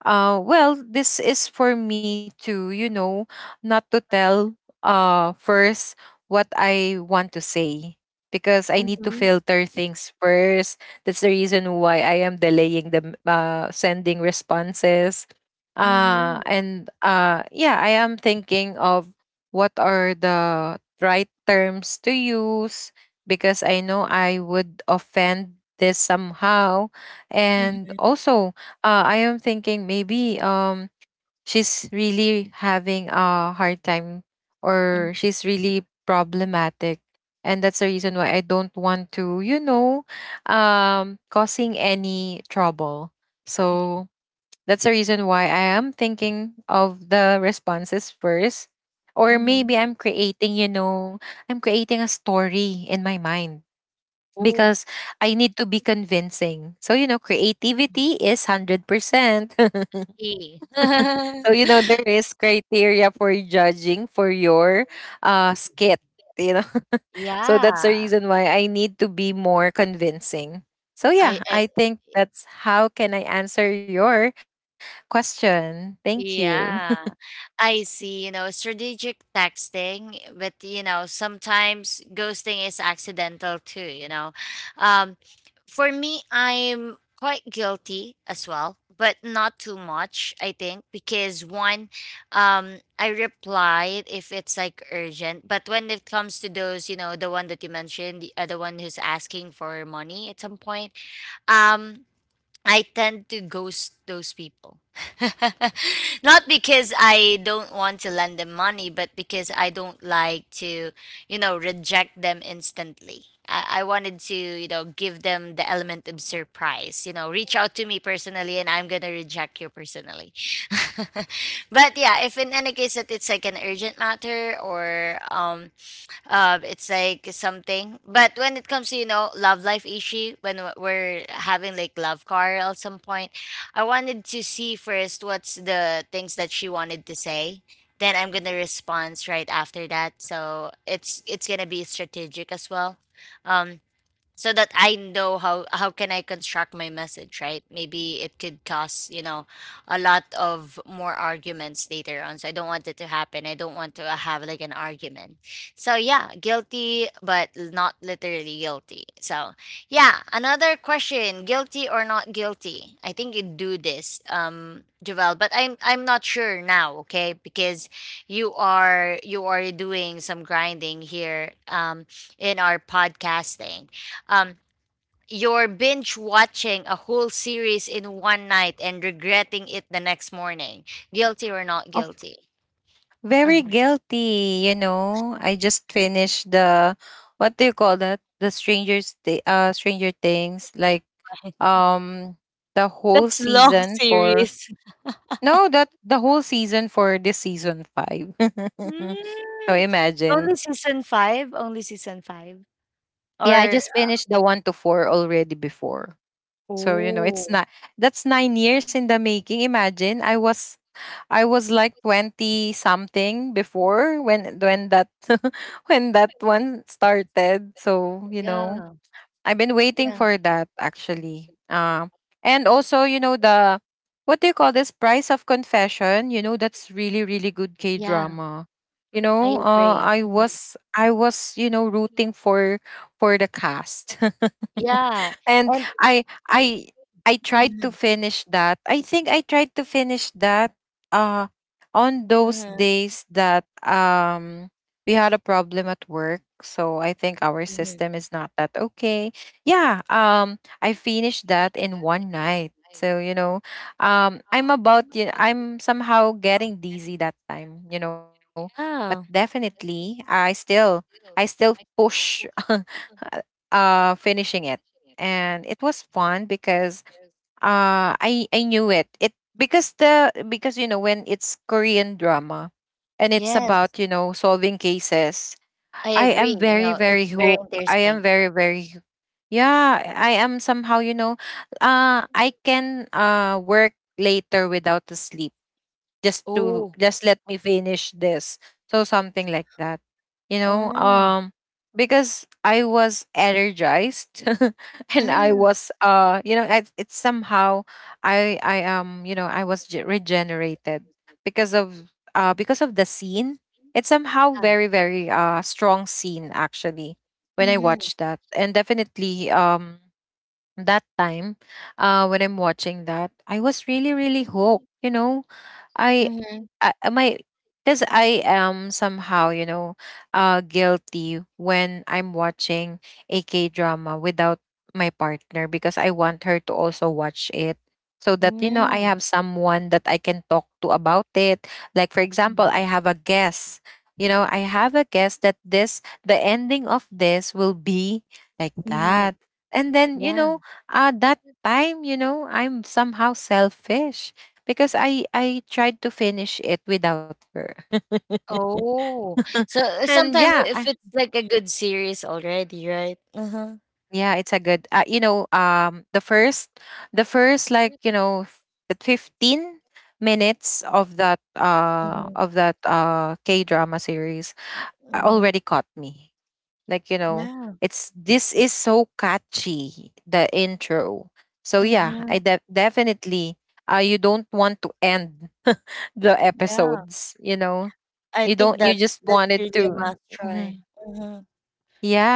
[SPEAKER 2] uh Well, this is for me to, you know, not to tell first what I want to say because I need to
[SPEAKER 1] Mhm.
[SPEAKER 2] filter things first. That's the reason why I am delaying the sending responses. Uh
[SPEAKER 1] Mhm.
[SPEAKER 2] and uh yeah, I am thinking of what are the right terms to use because I know I would offend this somehow. And
[SPEAKER 1] Mhm.
[SPEAKER 2] also, I am thinking maybe she's really having a hard time
[SPEAKER 1] Mm.
[SPEAKER 2] or she's really problematic. And that's the reason why I don't want to, causing any trouble.
[SPEAKER 1] Yeah.
[SPEAKER 2] So that's the reason why I am thinking of the responses first. Or maybe
[SPEAKER 1] Mhm.
[SPEAKER 2] I'm creating, I'm creating a story in my mind
[SPEAKER 1] Oh,
[SPEAKER 2] because I need to be convincing. So, you know, creativity is 100%.
[SPEAKER 1] eh. Mhm.
[SPEAKER 2] So, you know, there is criteria for judging for your skit, you know. So that's the
[SPEAKER 1] Yeah.
[SPEAKER 2] reason why I need to be more convincing. So yeah,
[SPEAKER 1] I
[SPEAKER 2] I think that's how can I answer your question. Thank you.
[SPEAKER 1] Yeah, I see. You know, strategic texting, but you know, sometimes ghosting is accidental too, you know. Um, for me, I'm quite guilty as well, but not too much, I think, because one, I replied if it's like urgent, but when it comes to those, you know, the one that you mentioned, the other one who's asking for money at some point, um, I tend to ghost those people. Not because I don't want to lend them money, but because I don't like to, you know, reject them instantly. I wanted to, you know, give them the element of surprise. You know, reach out to me personally and I'm going to reject you personally. But yeah, if in any case that it's like an urgent matter or it's like something. But when it comes to you know love life issue, when we're having like love quarrel at some point, I wanted to see first what's the things that she wanted to say. Then I'm gonna respond right after that. So it's gonna be strategic as well. Um, so that I know how can I construct my message, right? Maybe it could cause, you know, a lot of more arguments later on. So I don't want it to happen. I don't want to have like an argument. So yeah, guilty but not literally guilty. So yeah, another question, guilty or not guilty? I think you do this, Jovel, but I'm not sure now, okay? Because you are doing some grinding here in our podcasting. Um, you're binge watching a whole series in one night and regretting it the next morning. Guilty or not
[SPEAKER 2] Oh,
[SPEAKER 1] guilty?
[SPEAKER 2] very
[SPEAKER 1] Mhm.
[SPEAKER 2] guilty, you know. I just finished the what do you call that? The Stranger Things, like um the whole
[SPEAKER 1] That's long
[SPEAKER 2] season for
[SPEAKER 1] series.
[SPEAKER 2] no, that the whole season for this season five. So
[SPEAKER 1] Mm,
[SPEAKER 2] imagine.
[SPEAKER 1] Only season five? Only season five?
[SPEAKER 2] Yeah, I
[SPEAKER 1] Or
[SPEAKER 2] just finished the one to four already before. So you know, it's
[SPEAKER 1] oh
[SPEAKER 2] not that's 9 years in the making. Imagine I was like 20 something before when that when that one started. So you know,
[SPEAKER 1] yeah,
[SPEAKER 2] I've been waiting
[SPEAKER 1] yeah,
[SPEAKER 2] for that actually. And also, you know, the what do you call this? Price of Confession. You know, that's really, really good K
[SPEAKER 1] yeah.
[SPEAKER 2] drama. You
[SPEAKER 1] I
[SPEAKER 2] know,
[SPEAKER 1] agree.
[SPEAKER 2] I
[SPEAKER 1] Mhm.
[SPEAKER 2] was, I was, you know, rooting for the cast,
[SPEAKER 1] Yeah,
[SPEAKER 2] and
[SPEAKER 1] and
[SPEAKER 2] I, I, I tried to
[SPEAKER 1] mhm,
[SPEAKER 2] finish that. I think I tried to finish that. Uh, on those
[SPEAKER 1] mhm,
[SPEAKER 2] days that we had a problem at work, so I think our
[SPEAKER 1] mhm.
[SPEAKER 2] system is not that okay. Yeah, I finished that in one night, so you know, I'm about you I'm somehow getting dizzy that time, you know, but
[SPEAKER 1] Yeah.
[SPEAKER 2] definitely I still push finishing it. And it was fun because I knew it. Because you know, when it's Korean drama and it's
[SPEAKER 1] Yes,
[SPEAKER 2] about, you know, solving cases.
[SPEAKER 1] I
[SPEAKER 2] I
[SPEAKER 1] agree.
[SPEAKER 2] am
[SPEAKER 1] You
[SPEAKER 2] very,
[SPEAKER 1] know,
[SPEAKER 2] very
[SPEAKER 1] it's very
[SPEAKER 2] hooked. I am
[SPEAKER 1] interesting.
[SPEAKER 2] very very hoo- Yeah, I am somehow, you know, I can work later without the sleep just to
[SPEAKER 1] Oh,
[SPEAKER 2] just let me finish this, so something like that, you know.
[SPEAKER 1] oh,
[SPEAKER 2] Because I was energized and I
[SPEAKER 1] mm,
[SPEAKER 2] was you know, it's somehow I am you know I was ge- regenerated because of the scene. It's somehow
[SPEAKER 1] yeah.
[SPEAKER 2] very, very strong scene actually when I
[SPEAKER 1] Mhm,
[SPEAKER 2] watched that. And definitely that time when I'm watching that, I was really, really hooked, you know. I
[SPEAKER 1] mhm,
[SPEAKER 2] I, my, because I am somehow, you know, guilty when I'm watching a K drama without my partner, because I want her to also watch it so that you know I
[SPEAKER 1] mm,
[SPEAKER 2] have someone that I can talk to about it. Like for example, I have a guess. You know, I have a guess that this the ending of this will be like
[SPEAKER 1] mhm,
[SPEAKER 2] that. And then, you
[SPEAKER 1] yeah.
[SPEAKER 2] know, that time, you know, I'm somehow selfish because I tried to finish it without her.
[SPEAKER 1] Oh, so
[SPEAKER 2] And
[SPEAKER 1] sometimes if it's like a good series already, right? Uh-huh,
[SPEAKER 2] yeah, it's a good. You know, The first, the first like you know, f- the 15 minutes of that
[SPEAKER 1] mhm,
[SPEAKER 2] K drama series
[SPEAKER 1] mhm,
[SPEAKER 2] already caught me. Like you know,
[SPEAKER 1] yeah,
[SPEAKER 2] it's this is so catchy, the intro. So yeah,
[SPEAKER 1] mhm,
[SPEAKER 2] definitely you don't want to end the
[SPEAKER 1] yeah.
[SPEAKER 2] episodes. You know,
[SPEAKER 1] I
[SPEAKER 2] you
[SPEAKER 1] think
[SPEAKER 2] don't. You
[SPEAKER 1] that
[SPEAKER 2] just
[SPEAKER 1] that's
[SPEAKER 2] wanted
[SPEAKER 1] really a
[SPEAKER 2] to.
[SPEAKER 1] must
[SPEAKER 2] Mhm.
[SPEAKER 1] try. Mhm.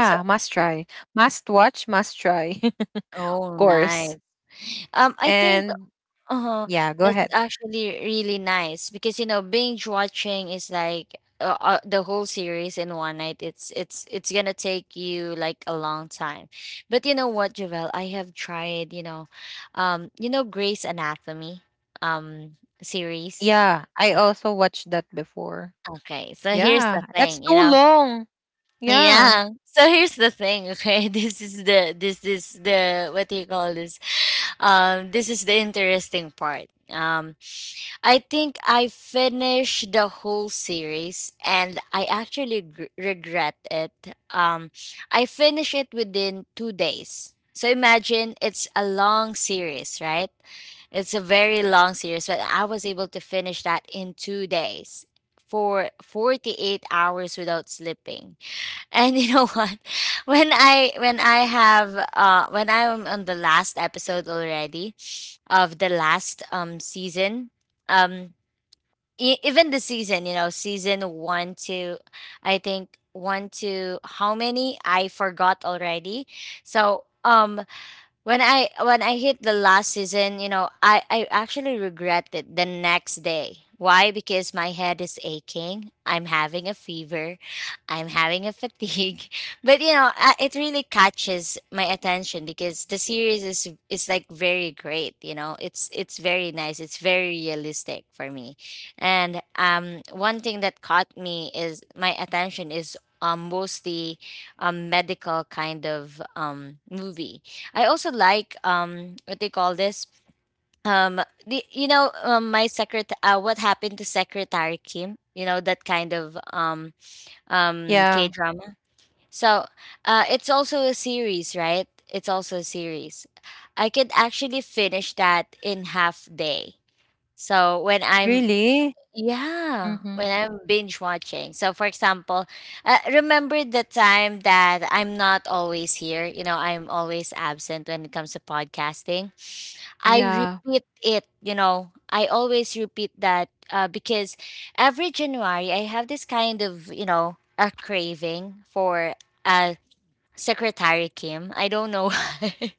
[SPEAKER 1] So,
[SPEAKER 2] must try, must watch, must try, of
[SPEAKER 1] oh, nice.
[SPEAKER 2] course.
[SPEAKER 1] I think
[SPEAKER 2] And
[SPEAKER 1] Oh,
[SPEAKER 2] yeah, go
[SPEAKER 1] that's
[SPEAKER 2] ahead.
[SPEAKER 1] actually really nice because you know binge watching is like the whole series in one night. It's gonna take you like a long time, but you know what, Javel, I have tried you know Grey's Anatomy um series.
[SPEAKER 2] Yeah, I also watched that before.
[SPEAKER 1] Okay, so here's the
[SPEAKER 2] Yeah, that's
[SPEAKER 1] thing, you
[SPEAKER 2] too
[SPEAKER 1] know.
[SPEAKER 2] long. Yeah,
[SPEAKER 1] Yeah. So here's the thing, okay? This is the this this the what do you call this? This is the interesting part. I think I finished the whole series and I actually regret it. I finished it within 2 days. So imagine it's a long series, right? It's a very long series, but I was able to finish that in 2 days for 48 hours without sleeping. And you know what? When I have when I am on the last episode already of the last season, um even the season, you know, season one to, I think one to how many I forgot already. So when I hit the last season, you know, I actually regret it the next day. Why? Because my head is aching. I'm having a fever. I'm having a fatigue. But you know, it really catches my attention because the series is like very great. You know, it's very nice. It's very realistic for me. And one thing that caught me is my attention is mostly a medical kind of movie. I also like what they call this, the, my secret, what happened to Secretary Kim, you know, that kind of K
[SPEAKER 2] yeah,
[SPEAKER 1] drama. So it's also a series, right? It's also a series. I could actually finish that in half day. So when I'm
[SPEAKER 2] really.
[SPEAKER 1] yeah,
[SPEAKER 2] Mm-hmm.
[SPEAKER 1] when I'm binge watching. So for example, remember the time that I'm not always here, you know, I'm always absent when it comes to podcasting. I
[SPEAKER 2] Yeah,
[SPEAKER 1] repeat it, you know. I always repeat that because every January I have this kind of, you know, a craving for uh, Secretary Kim. I don't know why.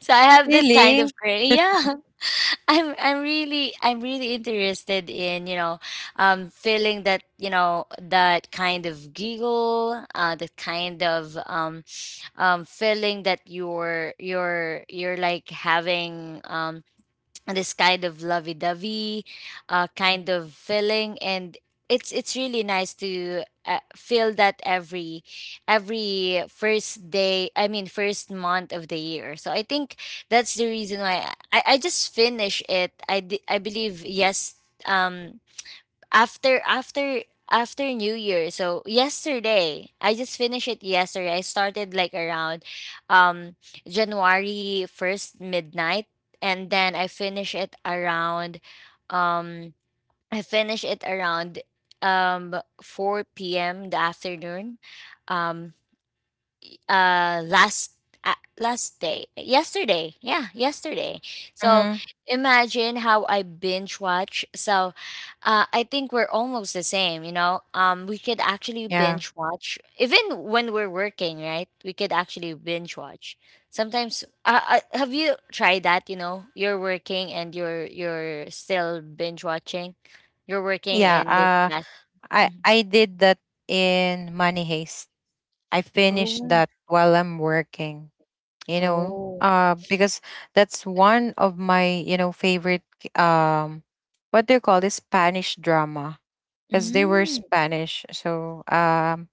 [SPEAKER 1] So I have that kind of
[SPEAKER 2] really.
[SPEAKER 1] craving. Yeah. I'm really interested in, you know, feeling that, you know, that kind of giggle, that kind of feeling that you're like having this kind of lovey-dovey kind of feeling. And it's really nice to feel that every first day I mean first month of the year. So I think that's the reason why I just finished it. I believe yes, um after New Year. So yesterday, I just finished it yesterday. I started like around um January 1st midnight, and then I finish it around um I finish it around um 4 p.m. the afternoon. Um uh last last day yesterday, yeah, yesterday. So
[SPEAKER 2] Mm-hmm.
[SPEAKER 1] imagine how I binge watch. So I think we're almost the same, you know. We could actually
[SPEAKER 2] Yeah.
[SPEAKER 1] binge watch even when we're working, right? We could actually binge watch sometimes. Have you tried that? You know, you're working and you're still binge watching, you're working
[SPEAKER 2] Yeah.
[SPEAKER 1] in this
[SPEAKER 2] Uh,
[SPEAKER 1] class.
[SPEAKER 2] I
[SPEAKER 1] Mhm.
[SPEAKER 2] I did that in Money Haste. I finished
[SPEAKER 1] Oh.
[SPEAKER 2] that while I'm working. You know,
[SPEAKER 1] Oh.
[SPEAKER 2] because that's one of my, you know, favorite, um what do you call this, Spanish drama, because they were Spanish. So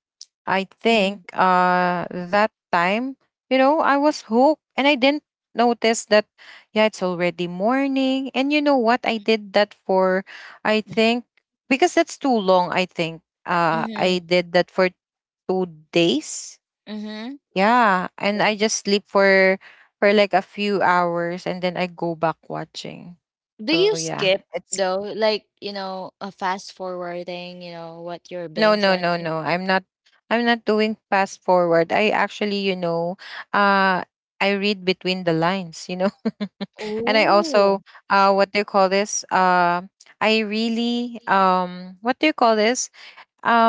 [SPEAKER 2] I think
[SPEAKER 1] Mm-hmm.
[SPEAKER 2] that time, you know, I was hooked and I didn't notice that, yeah, it's already morning. And you know what, I did that for, I think, because that's too long. I think I did that for 2 days.
[SPEAKER 1] Mm-hmm.
[SPEAKER 2] Yeah, and
[SPEAKER 1] Yeah.
[SPEAKER 2] I just sleep for like a few hours, and then I go back watching.
[SPEAKER 1] Do
[SPEAKER 2] So
[SPEAKER 1] you
[SPEAKER 2] yeah,
[SPEAKER 1] skip
[SPEAKER 2] it's
[SPEAKER 1] though? Like, you know, a fast forwarding, you know, what you're
[SPEAKER 2] no
[SPEAKER 1] binge
[SPEAKER 2] no no
[SPEAKER 1] watching?
[SPEAKER 2] no. I'm not doing fast forward. I actually, you know, uh I read between the lines, you know. And I
[SPEAKER 1] Oh.
[SPEAKER 2] also what do you call this? I really
[SPEAKER 1] Really,
[SPEAKER 2] what do you call
[SPEAKER 1] what-
[SPEAKER 2] this?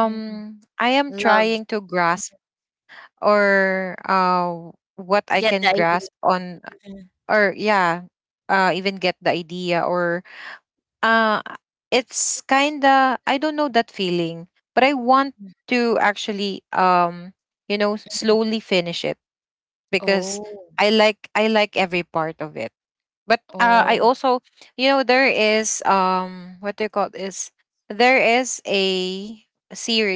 [SPEAKER 1] Mm.
[SPEAKER 2] I am
[SPEAKER 1] Love.
[SPEAKER 2] trying to grasp or what I
[SPEAKER 1] Get the
[SPEAKER 2] can
[SPEAKER 1] idea.
[SPEAKER 2] grasp on,
[SPEAKER 1] Mhm.
[SPEAKER 2] or yeah, even get the idea, or uh it's
[SPEAKER 1] It's kind
[SPEAKER 2] kinda, I
[SPEAKER 1] of.
[SPEAKER 2] don't know that feeling, but I want
[SPEAKER 1] Mhm.
[SPEAKER 2] to actually you know, slowly finish it because
[SPEAKER 1] Oh.
[SPEAKER 2] I like every part of it. But I
[SPEAKER 1] Oh.
[SPEAKER 2] also, you know, there is what do you call this? There is a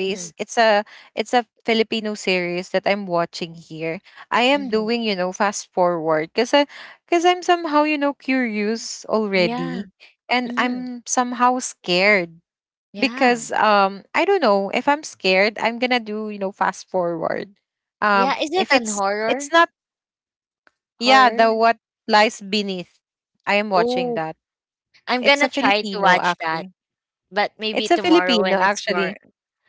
[SPEAKER 1] Mm-hmm.
[SPEAKER 2] It's a Filipino series that I'm watching here. I am
[SPEAKER 1] Mm-hmm.
[SPEAKER 2] doing, you know, fast forward because I because I'm somehow, you know, curious
[SPEAKER 1] Yeah.
[SPEAKER 2] already, and
[SPEAKER 1] Mm-hmm.
[SPEAKER 2] I'm somehow scared
[SPEAKER 1] Yeah.
[SPEAKER 2] because I don't know, if I'm scared I'm gonna do you know fast forward.
[SPEAKER 1] Yeah. Is
[SPEAKER 2] If
[SPEAKER 1] it an
[SPEAKER 2] it's It's
[SPEAKER 1] horror?
[SPEAKER 2] not, yeah,
[SPEAKER 1] Horror?
[SPEAKER 2] the What Lies Beneath. I am watching
[SPEAKER 1] Oh.
[SPEAKER 2] that.
[SPEAKER 1] I'm
[SPEAKER 2] It's a
[SPEAKER 1] gonna try to
[SPEAKER 2] Filipino
[SPEAKER 1] watch that.
[SPEAKER 2] actually.
[SPEAKER 1] But maybe
[SPEAKER 2] It's a
[SPEAKER 1] tomorrow
[SPEAKER 2] Filipino
[SPEAKER 1] when it's more,
[SPEAKER 2] actually.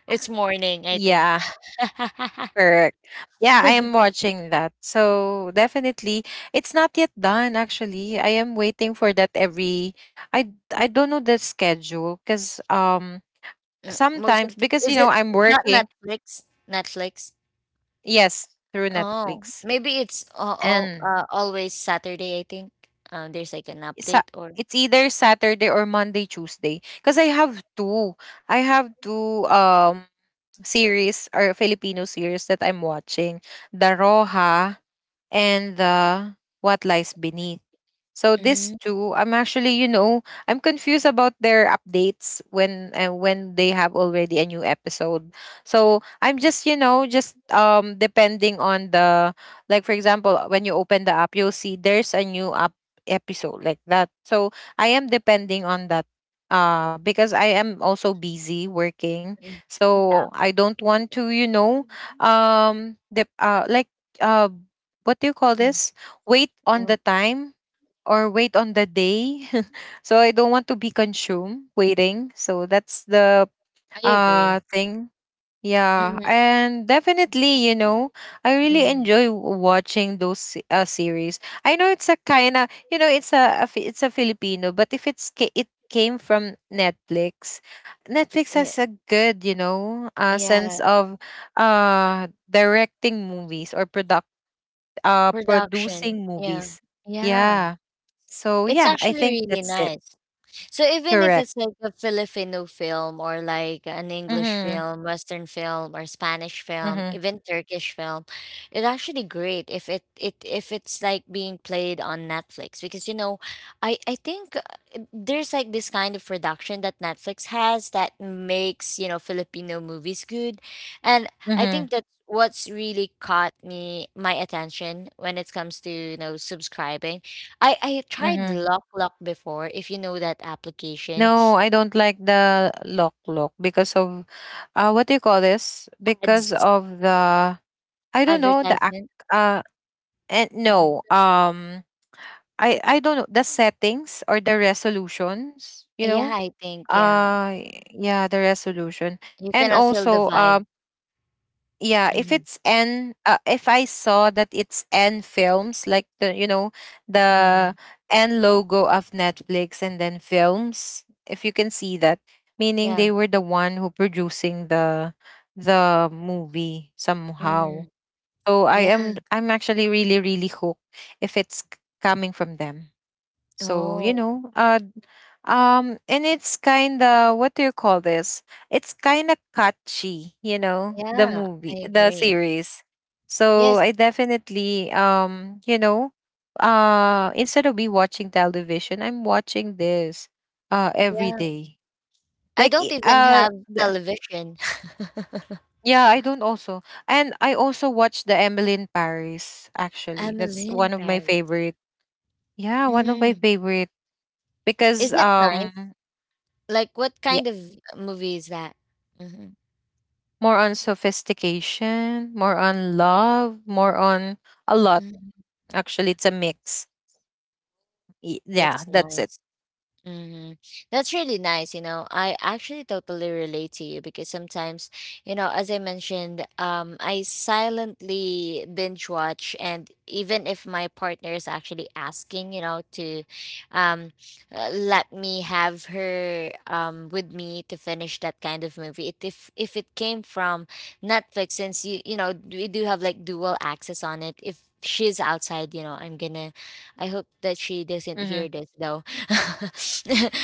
[SPEAKER 1] it's morning, I think.
[SPEAKER 2] Yeah, correct. Yeah, I am watching that. So definitely, it's not yet done actually. I am waiting for that every, I don't know the schedule because
[SPEAKER 1] Most
[SPEAKER 2] sometimes,
[SPEAKER 1] of the,
[SPEAKER 2] because you
[SPEAKER 1] is
[SPEAKER 2] know
[SPEAKER 1] it
[SPEAKER 2] I'm
[SPEAKER 1] is that
[SPEAKER 2] working.
[SPEAKER 1] Netflix? Netflix?
[SPEAKER 2] Yes, through
[SPEAKER 1] Oh,
[SPEAKER 2] Netflix.
[SPEAKER 1] maybe it's all
[SPEAKER 2] And
[SPEAKER 1] always Saturday, I think. There's like an
[SPEAKER 2] sa-
[SPEAKER 1] update or
[SPEAKER 2] it's either Saturday or Monday, Tuesday. Because I have two. I have two series, or Filipino series that I'm watching, The Roha and The What Lies Beneath. So these
[SPEAKER 1] mm,
[SPEAKER 2] two, I'm actually, you know, I'm confused about their updates when, when they have already a new episode. So I'm just, you know, just depending on the, like for example, when you open the app, you'll see there's a new up episode like that. So I am depending on that because I am also busy working.
[SPEAKER 1] mm, yeah.
[SPEAKER 2] So I don't want to, you know, the like what do you call
[SPEAKER 1] Mm,
[SPEAKER 2] this? Wait on
[SPEAKER 1] mm,
[SPEAKER 2] the time or wait on the day. So I don't want to be consumed waiting. So that's the
[SPEAKER 1] I agree.
[SPEAKER 2] thing. Yeah,
[SPEAKER 1] Hmm.
[SPEAKER 2] and definitely, you know, I really
[SPEAKER 1] Hmm.
[SPEAKER 2] enjoy watching those series. I know it's a kind of, you know, it's a, it's a Filipino, but if it's it came from Netflix, Netflix
[SPEAKER 1] Yeah,
[SPEAKER 2] has a good, you know, sense
[SPEAKER 1] yeah.
[SPEAKER 2] of directing movies, or product
[SPEAKER 1] Production.
[SPEAKER 2] producing
[SPEAKER 1] Yeah.
[SPEAKER 2] movies.
[SPEAKER 1] Yeah.
[SPEAKER 2] Yeah, so
[SPEAKER 1] It's
[SPEAKER 2] yeah, I
[SPEAKER 1] actually
[SPEAKER 2] think
[SPEAKER 1] really
[SPEAKER 2] that's it.
[SPEAKER 1] nice. So even if
[SPEAKER 2] Correct.
[SPEAKER 1] it's like a Filipino film or like an English
[SPEAKER 2] Mhm.
[SPEAKER 1] film, Western film or Spanish film,
[SPEAKER 2] Mhm.
[SPEAKER 1] even Turkish film, it's actually great if it if it's like being played on Netflix because you know, I think there's like this kind of production that Netflix has that makes, you know, Filipino movies good. And I think
[SPEAKER 2] Mhm.
[SPEAKER 1] that's what's really caught me my attention when it comes to, you know, subscribing. I tried
[SPEAKER 2] Mhm.
[SPEAKER 1] Lock Lock before, if you know that application.
[SPEAKER 2] No, I don't like the lock lock because of what do you call this? Because
[SPEAKER 1] Ads,
[SPEAKER 2] of the, I don't know the act
[SPEAKER 1] advertisement.
[SPEAKER 2] uh and
[SPEAKER 1] Mhm.
[SPEAKER 2] no, I I don't know the settings or the resolutions, you
[SPEAKER 1] Yeah,
[SPEAKER 2] know.
[SPEAKER 1] I think, yeah.
[SPEAKER 2] uh yeah, the resolution.
[SPEAKER 1] You
[SPEAKER 2] And
[SPEAKER 1] cannot feel the
[SPEAKER 2] also
[SPEAKER 1] vibe.
[SPEAKER 2] yeah, if
[SPEAKER 1] Mhm,
[SPEAKER 2] it's n if I saw that it's n films, like the, you know, the
[SPEAKER 1] mhm,
[SPEAKER 2] n logo of Netflix and then films, if you can see that, meaning
[SPEAKER 1] yeah.
[SPEAKER 2] they were the one who producing the movie somehow.
[SPEAKER 1] Mhm,
[SPEAKER 2] So
[SPEAKER 1] yeah.
[SPEAKER 2] I'm actually really, really hooked if it's coming from them. So, you
[SPEAKER 1] Oh,
[SPEAKER 2] know, and it's kind of, what do you call this? It's kind of catchy, you know, the
[SPEAKER 1] yeah, I
[SPEAKER 2] movie, the
[SPEAKER 1] agree.
[SPEAKER 2] series. So,
[SPEAKER 1] Yes,
[SPEAKER 2] I definitely you know, instead of me watching television, I'm watching this every
[SPEAKER 1] yeah.
[SPEAKER 2] day.
[SPEAKER 1] I
[SPEAKER 2] Like
[SPEAKER 1] don't
[SPEAKER 2] i-
[SPEAKER 1] even
[SPEAKER 2] uh
[SPEAKER 1] have
[SPEAKER 2] the,
[SPEAKER 1] television.
[SPEAKER 2] yeah, I don't also. And I also watch the Emily in Paris actually. That's
[SPEAKER 1] Emily in
[SPEAKER 2] one of my
[SPEAKER 1] Paris.
[SPEAKER 2] favorite. Yeah, one of my
[SPEAKER 1] Mhm.
[SPEAKER 2] favorite because
[SPEAKER 1] Is it nice? Like, what kind of movie is that? Hmm.
[SPEAKER 2] more on sophistication, more on love, more on a lot.
[SPEAKER 1] Hmm.
[SPEAKER 2] Actually, it's a mix. Yeah,
[SPEAKER 1] That's
[SPEAKER 2] that's it.
[SPEAKER 1] nice. Hmm. That's really nice. You know, I actually totally relate to you because sometimes, you know, as I mentioned, I silently binge watch, and even if my partner is actually asking, you know, to, um, let me have her with me to finish that kind of movie. It, if it came from Netflix, since you know we do have like dual access on it. If she's outside, you know, I'm gonna. I hope that
[SPEAKER 2] Hmm.
[SPEAKER 1] she doesn't hear this though.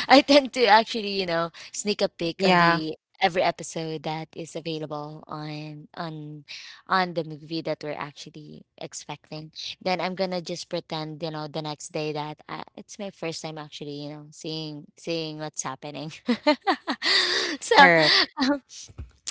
[SPEAKER 1] I tend to actually, you know, sneak a peek
[SPEAKER 2] Yeah,
[SPEAKER 1] on the every episode that is available on the movie that we're actually expecting. Then I'm gonna just pretend, you know, the next day that I, it's my first time actually, you know, seeing what's happening. So
[SPEAKER 2] correct.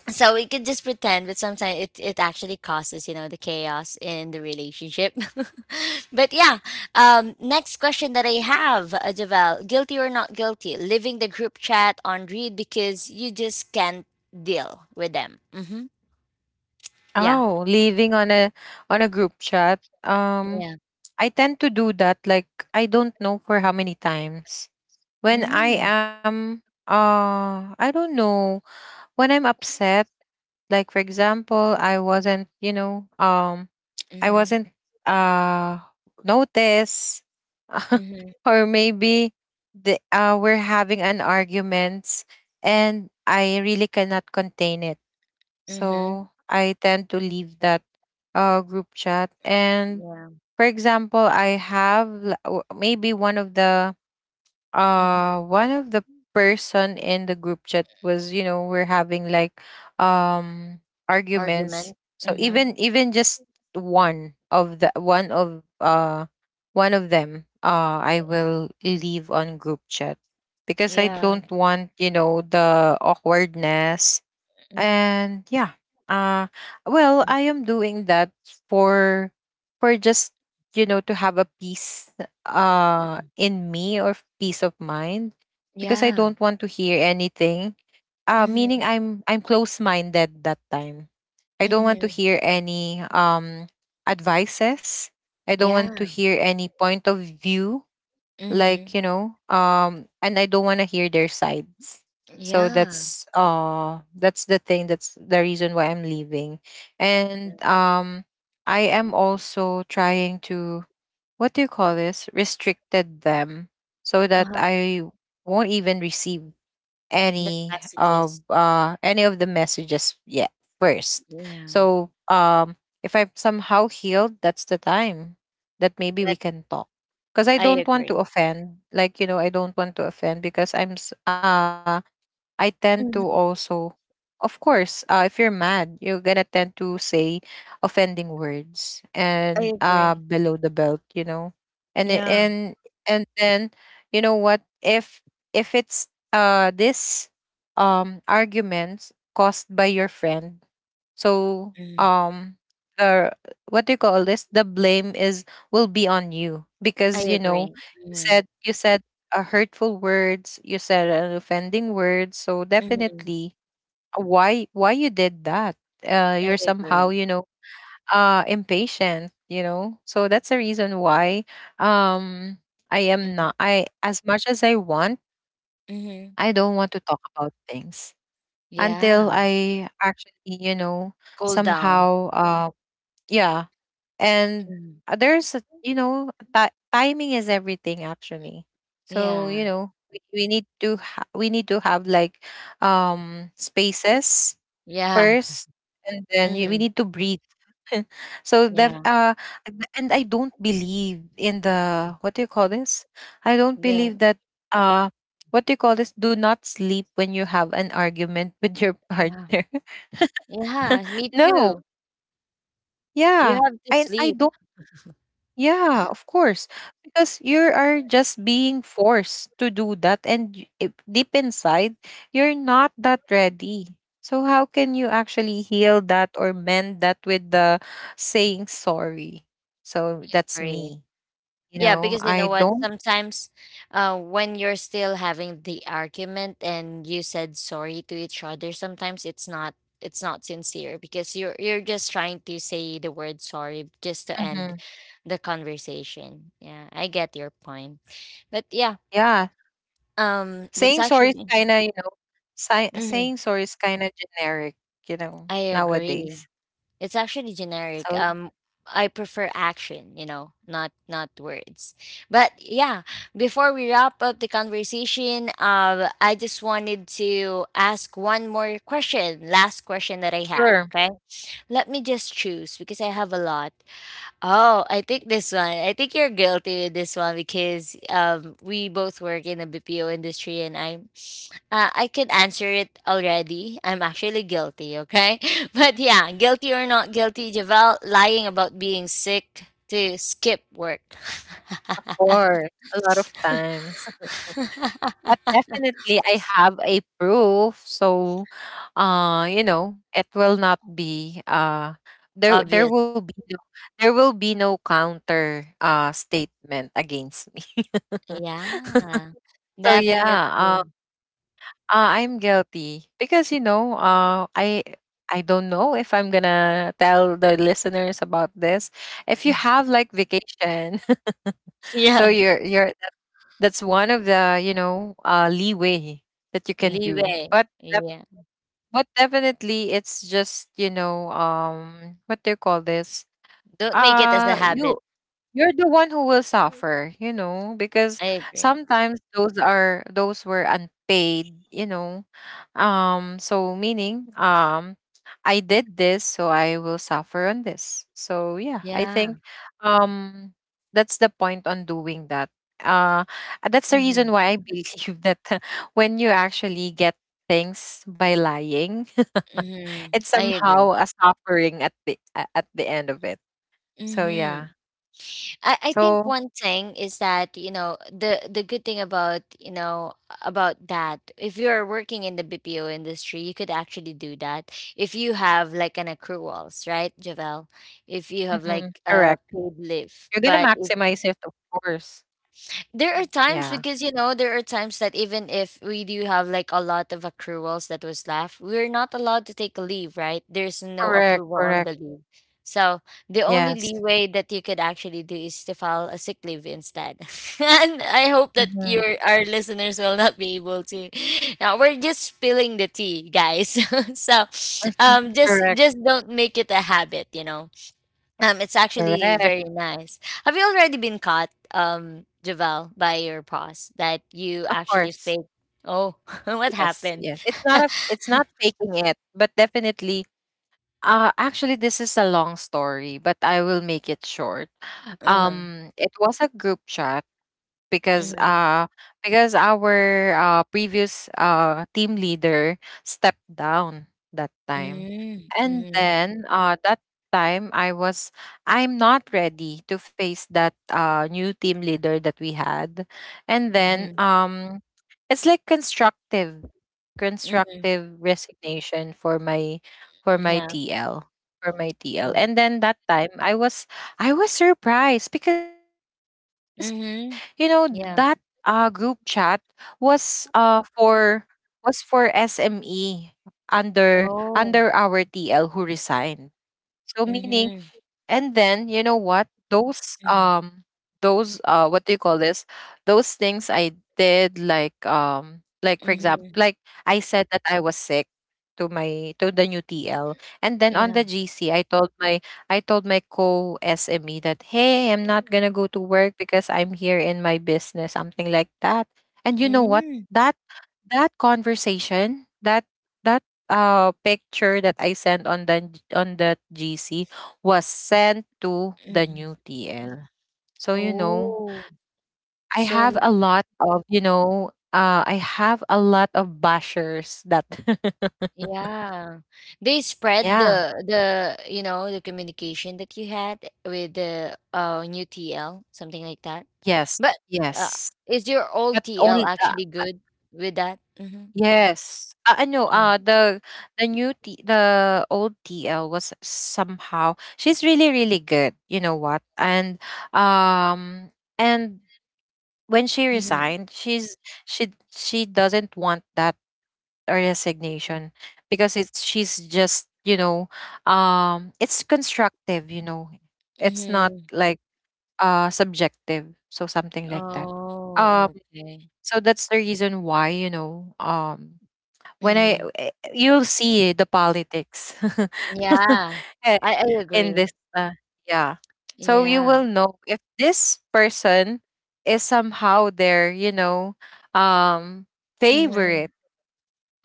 [SPEAKER 1] so we could just pretend, but sometimes it actually causes, you know, the chaos in the relationship. But yeah, next question that I have, Javel, guilty or not guilty leaving the group chat on read because you just can't deal with them. Mm-hmm. Yeah.
[SPEAKER 2] Oh, leaving on a group chat.
[SPEAKER 1] Yeah.
[SPEAKER 2] I tend to do that. Like I don't know for how many times when I
[SPEAKER 1] Mm.
[SPEAKER 2] am. I don't know when I'm upset. Like for example, I wasn't. You know. Um, I
[SPEAKER 1] Mm-hmm.
[SPEAKER 2] wasn't uh notice
[SPEAKER 1] Mm-hmm.
[SPEAKER 2] or maybe the we're having an arguments and I really cannot contain it.
[SPEAKER 1] Mm-hmm.
[SPEAKER 2] So I tend to leave that group chat. And
[SPEAKER 1] Yeah.
[SPEAKER 2] for example, I have maybe
[SPEAKER 1] Mm-hmm.
[SPEAKER 2] one of the person in the group chat was, you know, we're having like um
[SPEAKER 1] Argument.
[SPEAKER 2] arguments. So
[SPEAKER 1] Mm-hmm.
[SPEAKER 2] even just one of the one of them, I will leave on group chat because I
[SPEAKER 1] Yeah.
[SPEAKER 2] don't want, you know, the awkwardness.
[SPEAKER 1] Mm-hmm.
[SPEAKER 2] And yeah, uh well, I am doing that for just, you know, to have a peace
[SPEAKER 1] Mm-hmm.
[SPEAKER 2] in me, or peace of mind, because I
[SPEAKER 1] Yeah.
[SPEAKER 2] don't want to hear anything, meaning
[SPEAKER 1] Mm-hmm.
[SPEAKER 2] I'm close minded that time. I don't want to
[SPEAKER 1] Mm-hmm.
[SPEAKER 2] hear any advices, I don't want to
[SPEAKER 1] Yeah.
[SPEAKER 2] hear any point of view, like, you
[SPEAKER 1] Mm-hmm.
[SPEAKER 2] know, and I don't want to hear their sides. So
[SPEAKER 1] Yeah.
[SPEAKER 2] that's the thing, that's the reason why I'm leaving. And I am also trying to, what do you call this, restricted them, so that
[SPEAKER 1] Uh-huh.
[SPEAKER 2] I won't even receive
[SPEAKER 1] The messages.
[SPEAKER 2] any of the messages yet first.
[SPEAKER 1] Yeah,
[SPEAKER 2] So if I'm somehow healed, that's the time that maybe we
[SPEAKER 1] that
[SPEAKER 2] can talk, because I
[SPEAKER 1] I
[SPEAKER 2] don't want to
[SPEAKER 1] agree.
[SPEAKER 2] offend, like, you know, I don't want to offend because I tend to
[SPEAKER 1] Mhm.
[SPEAKER 2] also, of course, if you're mad, you're gonna tend to say offending words and below the belt, you know, and it-
[SPEAKER 1] Yeah.
[SPEAKER 2] and and then, you know what? If it's this arguments caused by your friend, so
[SPEAKER 1] Mm,
[SPEAKER 2] the, what do you call this? The blame is, will be on you,
[SPEAKER 1] I
[SPEAKER 2] because you know
[SPEAKER 1] agree.
[SPEAKER 2] you
[SPEAKER 1] Mhm,
[SPEAKER 2] said you said hurtful words. You said an offending words. So
[SPEAKER 1] mhm,
[SPEAKER 2] definitely, why you did that?
[SPEAKER 1] I
[SPEAKER 2] You're somehow,
[SPEAKER 1] agree.
[SPEAKER 2] you know, impatient. You know, so that's the reason why um I am
[SPEAKER 1] Mhm,
[SPEAKER 2] not. I, as much as I want,
[SPEAKER 1] mhm,
[SPEAKER 2] I don't want to talk about things until
[SPEAKER 1] yeah,
[SPEAKER 2] I actually, you know,
[SPEAKER 1] cool down.
[SPEAKER 2] somehow, yeah. And
[SPEAKER 1] Mhm,
[SPEAKER 2] there's a, you know, ti timing is everything actually. So you
[SPEAKER 1] yeah,
[SPEAKER 2] know, we need to we need to have like spaces
[SPEAKER 1] yeah,
[SPEAKER 2] first, and then we
[SPEAKER 1] mhm,
[SPEAKER 2] need to breathe. So that
[SPEAKER 1] yeah,
[SPEAKER 2] and I don't believe in the, what do you call this, I don't
[SPEAKER 1] the
[SPEAKER 2] believe that, uh what do you call this, do not sleep when you have an argument with your
[SPEAKER 1] yeah,
[SPEAKER 2] partner.
[SPEAKER 1] yeah, me
[SPEAKER 2] No.
[SPEAKER 1] too. You
[SPEAKER 2] Yeah,
[SPEAKER 1] have to
[SPEAKER 2] I
[SPEAKER 1] sleep,
[SPEAKER 2] don't. Yeah, of course. Because you are just being forced to do that, and if deep inside you're not that ready, so how can you actually heal that or mend that with the saying sorry? So that's
[SPEAKER 1] right?
[SPEAKER 2] me. You
[SPEAKER 1] Yeah,
[SPEAKER 2] know,
[SPEAKER 1] because you know
[SPEAKER 2] I
[SPEAKER 1] what?
[SPEAKER 2] don't.
[SPEAKER 1] Sometimes when you're still having the argument and you said sorry to each other, sometimes it's not, it's not sincere because you're just trying to say the word sorry just to
[SPEAKER 2] Mhm.
[SPEAKER 1] end the conversation. Yeah, I get your point. But yeah,
[SPEAKER 2] Yeah,
[SPEAKER 1] that's
[SPEAKER 2] saying sorry is
[SPEAKER 1] actually
[SPEAKER 2] kind of, you know,
[SPEAKER 1] mhm,
[SPEAKER 2] saying sorry is kind of generic, you know,
[SPEAKER 1] I agree.
[SPEAKER 2] nowadays.
[SPEAKER 1] It's actually generic.
[SPEAKER 2] So
[SPEAKER 1] I prefer action, you know, not, not words. But yeah, before we wrap up the conversation, I just wanted to ask one more question, last question that I have.
[SPEAKER 2] sure,
[SPEAKER 1] Okay, let me just choose because I have a lot. Oh, I think this one. I think you're guilty with this one because we both work in the BPO industry, and I could answer it already. I'm actually guilty, okay? But yeah, guilty or not guilty, Javel, lying about being sick to skip work.
[SPEAKER 2] of course, a lot of times. But definitely I have a proof. So you know, it will not be there
[SPEAKER 1] Obvious.
[SPEAKER 2] will be no, there will be no counter statement against me.
[SPEAKER 1] Yeah.
[SPEAKER 2] So yeah,
[SPEAKER 1] Definitely.
[SPEAKER 2] I'm guilty. Because you know, I don't know if I'm gonna tell the listeners about this. If you have like vacation, so
[SPEAKER 1] Yeah.
[SPEAKER 2] that's one of the, you know, leeway that you can do.
[SPEAKER 1] Leeway.
[SPEAKER 2] But
[SPEAKER 1] Yeah.
[SPEAKER 2] definitely it's just, you know, what do you call this,
[SPEAKER 1] Don't make it as a
[SPEAKER 2] uh
[SPEAKER 1] habit.
[SPEAKER 2] you you're the one who will suffer, you know, because
[SPEAKER 1] I agree.
[SPEAKER 2] sometimes those are, those were unpaid, you know. So meaning, I did this so I will suffer on this. So yeah, I think
[SPEAKER 1] Yeah.
[SPEAKER 2] um that's the point on doing that. Uh that's the reason
[SPEAKER 1] Mm-hmm.
[SPEAKER 2] why I believe that when you actually get things by lying,
[SPEAKER 1] Mm-hmm.
[SPEAKER 2] it's
[SPEAKER 1] I agree.
[SPEAKER 2] somehow a suffering at the at the end of it. So
[SPEAKER 1] Mm-hmm.
[SPEAKER 2] yeah.
[SPEAKER 1] I think
[SPEAKER 2] So.
[SPEAKER 1] one thing is that you know the good thing about you know about that if you're working in the BPO industry you could actually do that if you have like an accruals, right Javel, if you have
[SPEAKER 2] Mm,
[SPEAKER 1] like
[SPEAKER 2] correct.
[SPEAKER 1] a paid leave.
[SPEAKER 2] You're gonna
[SPEAKER 1] But
[SPEAKER 2] maximize it, of course.
[SPEAKER 1] there are
[SPEAKER 2] Mm,
[SPEAKER 1] times
[SPEAKER 2] yeah.
[SPEAKER 1] because you know there are times that even if we do have like a lot of accruals that was left, we're not allowed to take a leave, right? There's no
[SPEAKER 2] Correct,
[SPEAKER 1] approval on
[SPEAKER 2] correct.
[SPEAKER 1] the leave. So the only
[SPEAKER 2] Yes.
[SPEAKER 1] leeway that you could actually do is to file a sick leave instead. And I hope that
[SPEAKER 2] Mhm,
[SPEAKER 1] your our listeners will not be able to. Now we're just spilling the tea, guys. So
[SPEAKER 2] mhm.
[SPEAKER 1] just
[SPEAKER 2] Correct,
[SPEAKER 1] just don't make it a habit, you know. It's actually
[SPEAKER 2] correct.
[SPEAKER 1] very nice. Have you already been caught, Javel, by your boss that you
[SPEAKER 2] Of
[SPEAKER 1] actually
[SPEAKER 2] course.
[SPEAKER 1] fake? Oh, what
[SPEAKER 2] Yes,
[SPEAKER 1] happened?
[SPEAKER 2] yes. It's not a f it's not faking it, but definitely actually this is a long story, but I will make it short.
[SPEAKER 1] Uh-huh.
[SPEAKER 2] It was a group chat because
[SPEAKER 1] Mm-hmm.
[SPEAKER 2] uh because our previous team leader stepped down that time. And
[SPEAKER 1] Mm-hmm.
[SPEAKER 2] then that time I was, I'm not ready to face that new team leader that we had. And then
[SPEAKER 1] Mm-hmm.
[SPEAKER 2] it's like constructive
[SPEAKER 1] Mm-hmm.
[SPEAKER 2] constructive resignation for my for
[SPEAKER 1] Mm-hmm.
[SPEAKER 2] my
[SPEAKER 1] Yeah.
[SPEAKER 2] tl for my TL.
[SPEAKER 1] Oh.
[SPEAKER 2] And then that time I was, I was surprised because you know that
[SPEAKER 1] Mm-hmm.
[SPEAKER 2] group chat
[SPEAKER 1] Yeah.
[SPEAKER 2] was for, was for SME under our TL who
[SPEAKER 1] Oh.
[SPEAKER 2] resigned. So meaning, and
[SPEAKER 1] Mm-hmm.
[SPEAKER 2] then, you know what?
[SPEAKER 1] Mm-hmm.
[SPEAKER 2] Those what do you call this, those things I did like, like for example, like
[SPEAKER 1] Mm-hmm.
[SPEAKER 2] I said that I was sick to my, to the new TL. And then on
[SPEAKER 1] Yeah.
[SPEAKER 2] the GC, I told my co SME that, hey, I'm not gonna go to work because I'm here in my business, something like that. And you know what?
[SPEAKER 1] Mm-hmm.
[SPEAKER 2] That, that conversation, that picture that I sent on the, on that GC was sent to the new
[SPEAKER 1] Mm-hmm.
[SPEAKER 2] TL. So you know,
[SPEAKER 1] Oh.
[SPEAKER 2] I have
[SPEAKER 1] So
[SPEAKER 2] a lot of, you know, I have a lot of bashers that.
[SPEAKER 1] yeah. They spread
[SPEAKER 2] Yeah.
[SPEAKER 1] the you know the communication that you had with the new TL, something like that.
[SPEAKER 2] Yes.
[SPEAKER 1] But uh,
[SPEAKER 2] Yes.
[SPEAKER 1] is your old
[SPEAKER 2] But
[SPEAKER 1] TL
[SPEAKER 2] only
[SPEAKER 1] actually
[SPEAKER 2] uh,
[SPEAKER 1] good with that? Mm-hmm.
[SPEAKER 2] yes. No, the the old TL was somehow, she's really really good, you know what? Um and when she
[SPEAKER 1] Mm-hmm.
[SPEAKER 2] resigned, she's, she doesn't want that resignation, because it's, she's just, you know, it's constructive. You know, it's not
[SPEAKER 1] Mm-hmm.
[SPEAKER 2] like subjective. So something like that. Um,
[SPEAKER 1] Oh, okay.
[SPEAKER 2] so that's the reason why, you know, when I,
[SPEAKER 1] Mm-hmm.
[SPEAKER 2] you'll see the politics.
[SPEAKER 1] Yeah.
[SPEAKER 2] eh,
[SPEAKER 1] I agree.
[SPEAKER 2] in this, uh, yeah. So you
[SPEAKER 1] Yeah.
[SPEAKER 2] will know if this person is somehow their, you know, um
[SPEAKER 1] Mm-hmm.
[SPEAKER 2] favorite.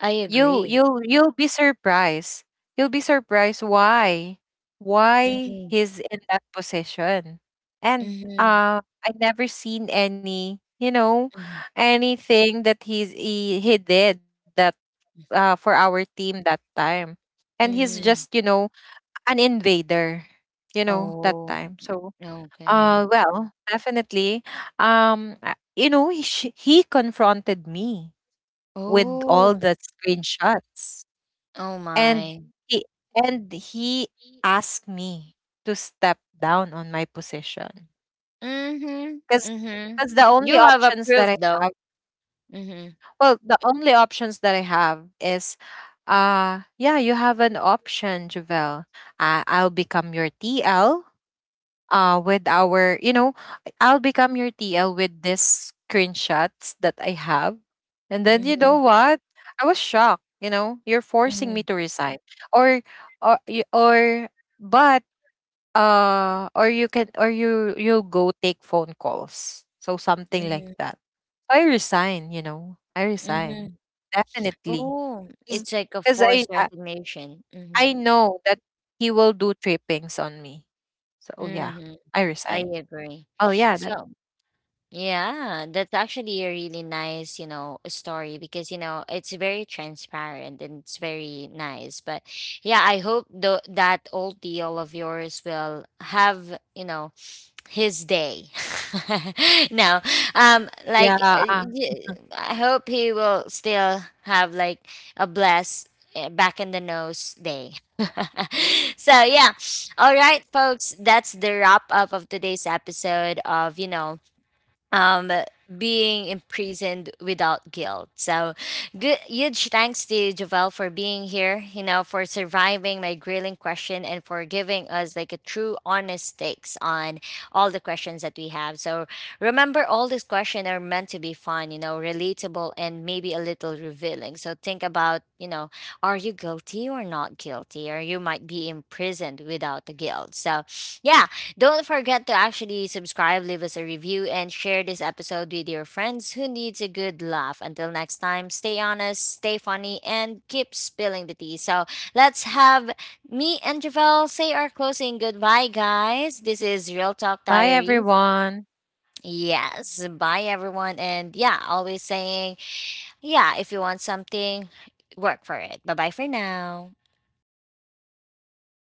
[SPEAKER 1] I agree.
[SPEAKER 2] You'll be surprised. You'll be surprised why
[SPEAKER 1] Mm-hmm.
[SPEAKER 2] he's in that position. And
[SPEAKER 1] Mm-hmm.
[SPEAKER 2] I never seen any, you know,
[SPEAKER 1] Mm-hmm.
[SPEAKER 2] anything that he did that for our team that time. And he's just,
[SPEAKER 1] Mm-hmm.
[SPEAKER 2] you know, an invader, you know, that
[SPEAKER 1] Oh,
[SPEAKER 2] time. So
[SPEAKER 1] okay.
[SPEAKER 2] well, definitely, you know, he confronted me with all
[SPEAKER 1] Oh,
[SPEAKER 2] the screenshots,
[SPEAKER 1] oh
[SPEAKER 2] and
[SPEAKER 1] my.
[SPEAKER 2] he he asked me to step down on my position
[SPEAKER 1] Mhm,
[SPEAKER 2] because,
[SPEAKER 1] mhm.
[SPEAKER 2] the only
[SPEAKER 1] You have
[SPEAKER 2] options that I
[SPEAKER 1] approved
[SPEAKER 2] have.
[SPEAKER 1] though. Mhm,
[SPEAKER 2] Well, the only options that I have is, yeah, you have an option, Javel. I'll become your TL. With our, you know, I'll become your TL with this screenshots that I have, and then you know
[SPEAKER 1] mhm,
[SPEAKER 2] what? I was shocked. You know, you're forcing me
[SPEAKER 1] mhm,
[SPEAKER 2] to resign, or, or, but or you can, or you go take phone calls. So something like
[SPEAKER 1] mhm,
[SPEAKER 2] that. So I resign, you know. I resign.
[SPEAKER 1] mhm.
[SPEAKER 2] Definitely.
[SPEAKER 1] Oh, it's like a
[SPEAKER 2] Because
[SPEAKER 1] forced resignation. Mhm,
[SPEAKER 2] I know that he will do trippings on me. So yeah,
[SPEAKER 1] mhm.
[SPEAKER 2] I
[SPEAKER 1] I
[SPEAKER 2] resign.
[SPEAKER 1] agree.
[SPEAKER 2] Oh yeah, that,
[SPEAKER 1] So, yeah, that's actually a really nice, you know, story because you know it's very transparent and it's very nice. But yeah, I hope the, that old deal of yours will have, you know, his day. No,
[SPEAKER 2] yeah.
[SPEAKER 1] like
[SPEAKER 2] Uh,
[SPEAKER 1] I hope he will still have like a blessed back in the nose day. So yeah, all right, folks, that's the wrap up of today's episode of you know um being imprisoned without guilt. So good, huge thanks to Javel for being here, you know, for surviving my grilling question and for giving us like a true honest takes on all the questions that we have. So remember, all these questions are meant to be fun, you know, relatable, and maybe a little revealing. So think about, you know, are you guilty or not guilty, or you might be imprisoned without the guilt. So yeah, don't forget to actually subscribe, leave us a review, and share this episode with your friends who needs a good laugh. Until next time, stay honest, stay funny, and keep spilling the tea. So let's have me and Javel say our closing goodbye, guys. This is Real Talk
[SPEAKER 2] bye
[SPEAKER 1] Diaries.
[SPEAKER 2] everyone.
[SPEAKER 1] Yes, bye everyone. And yeah, always saying, yeah, if you want something, work for it. Bye bye for now.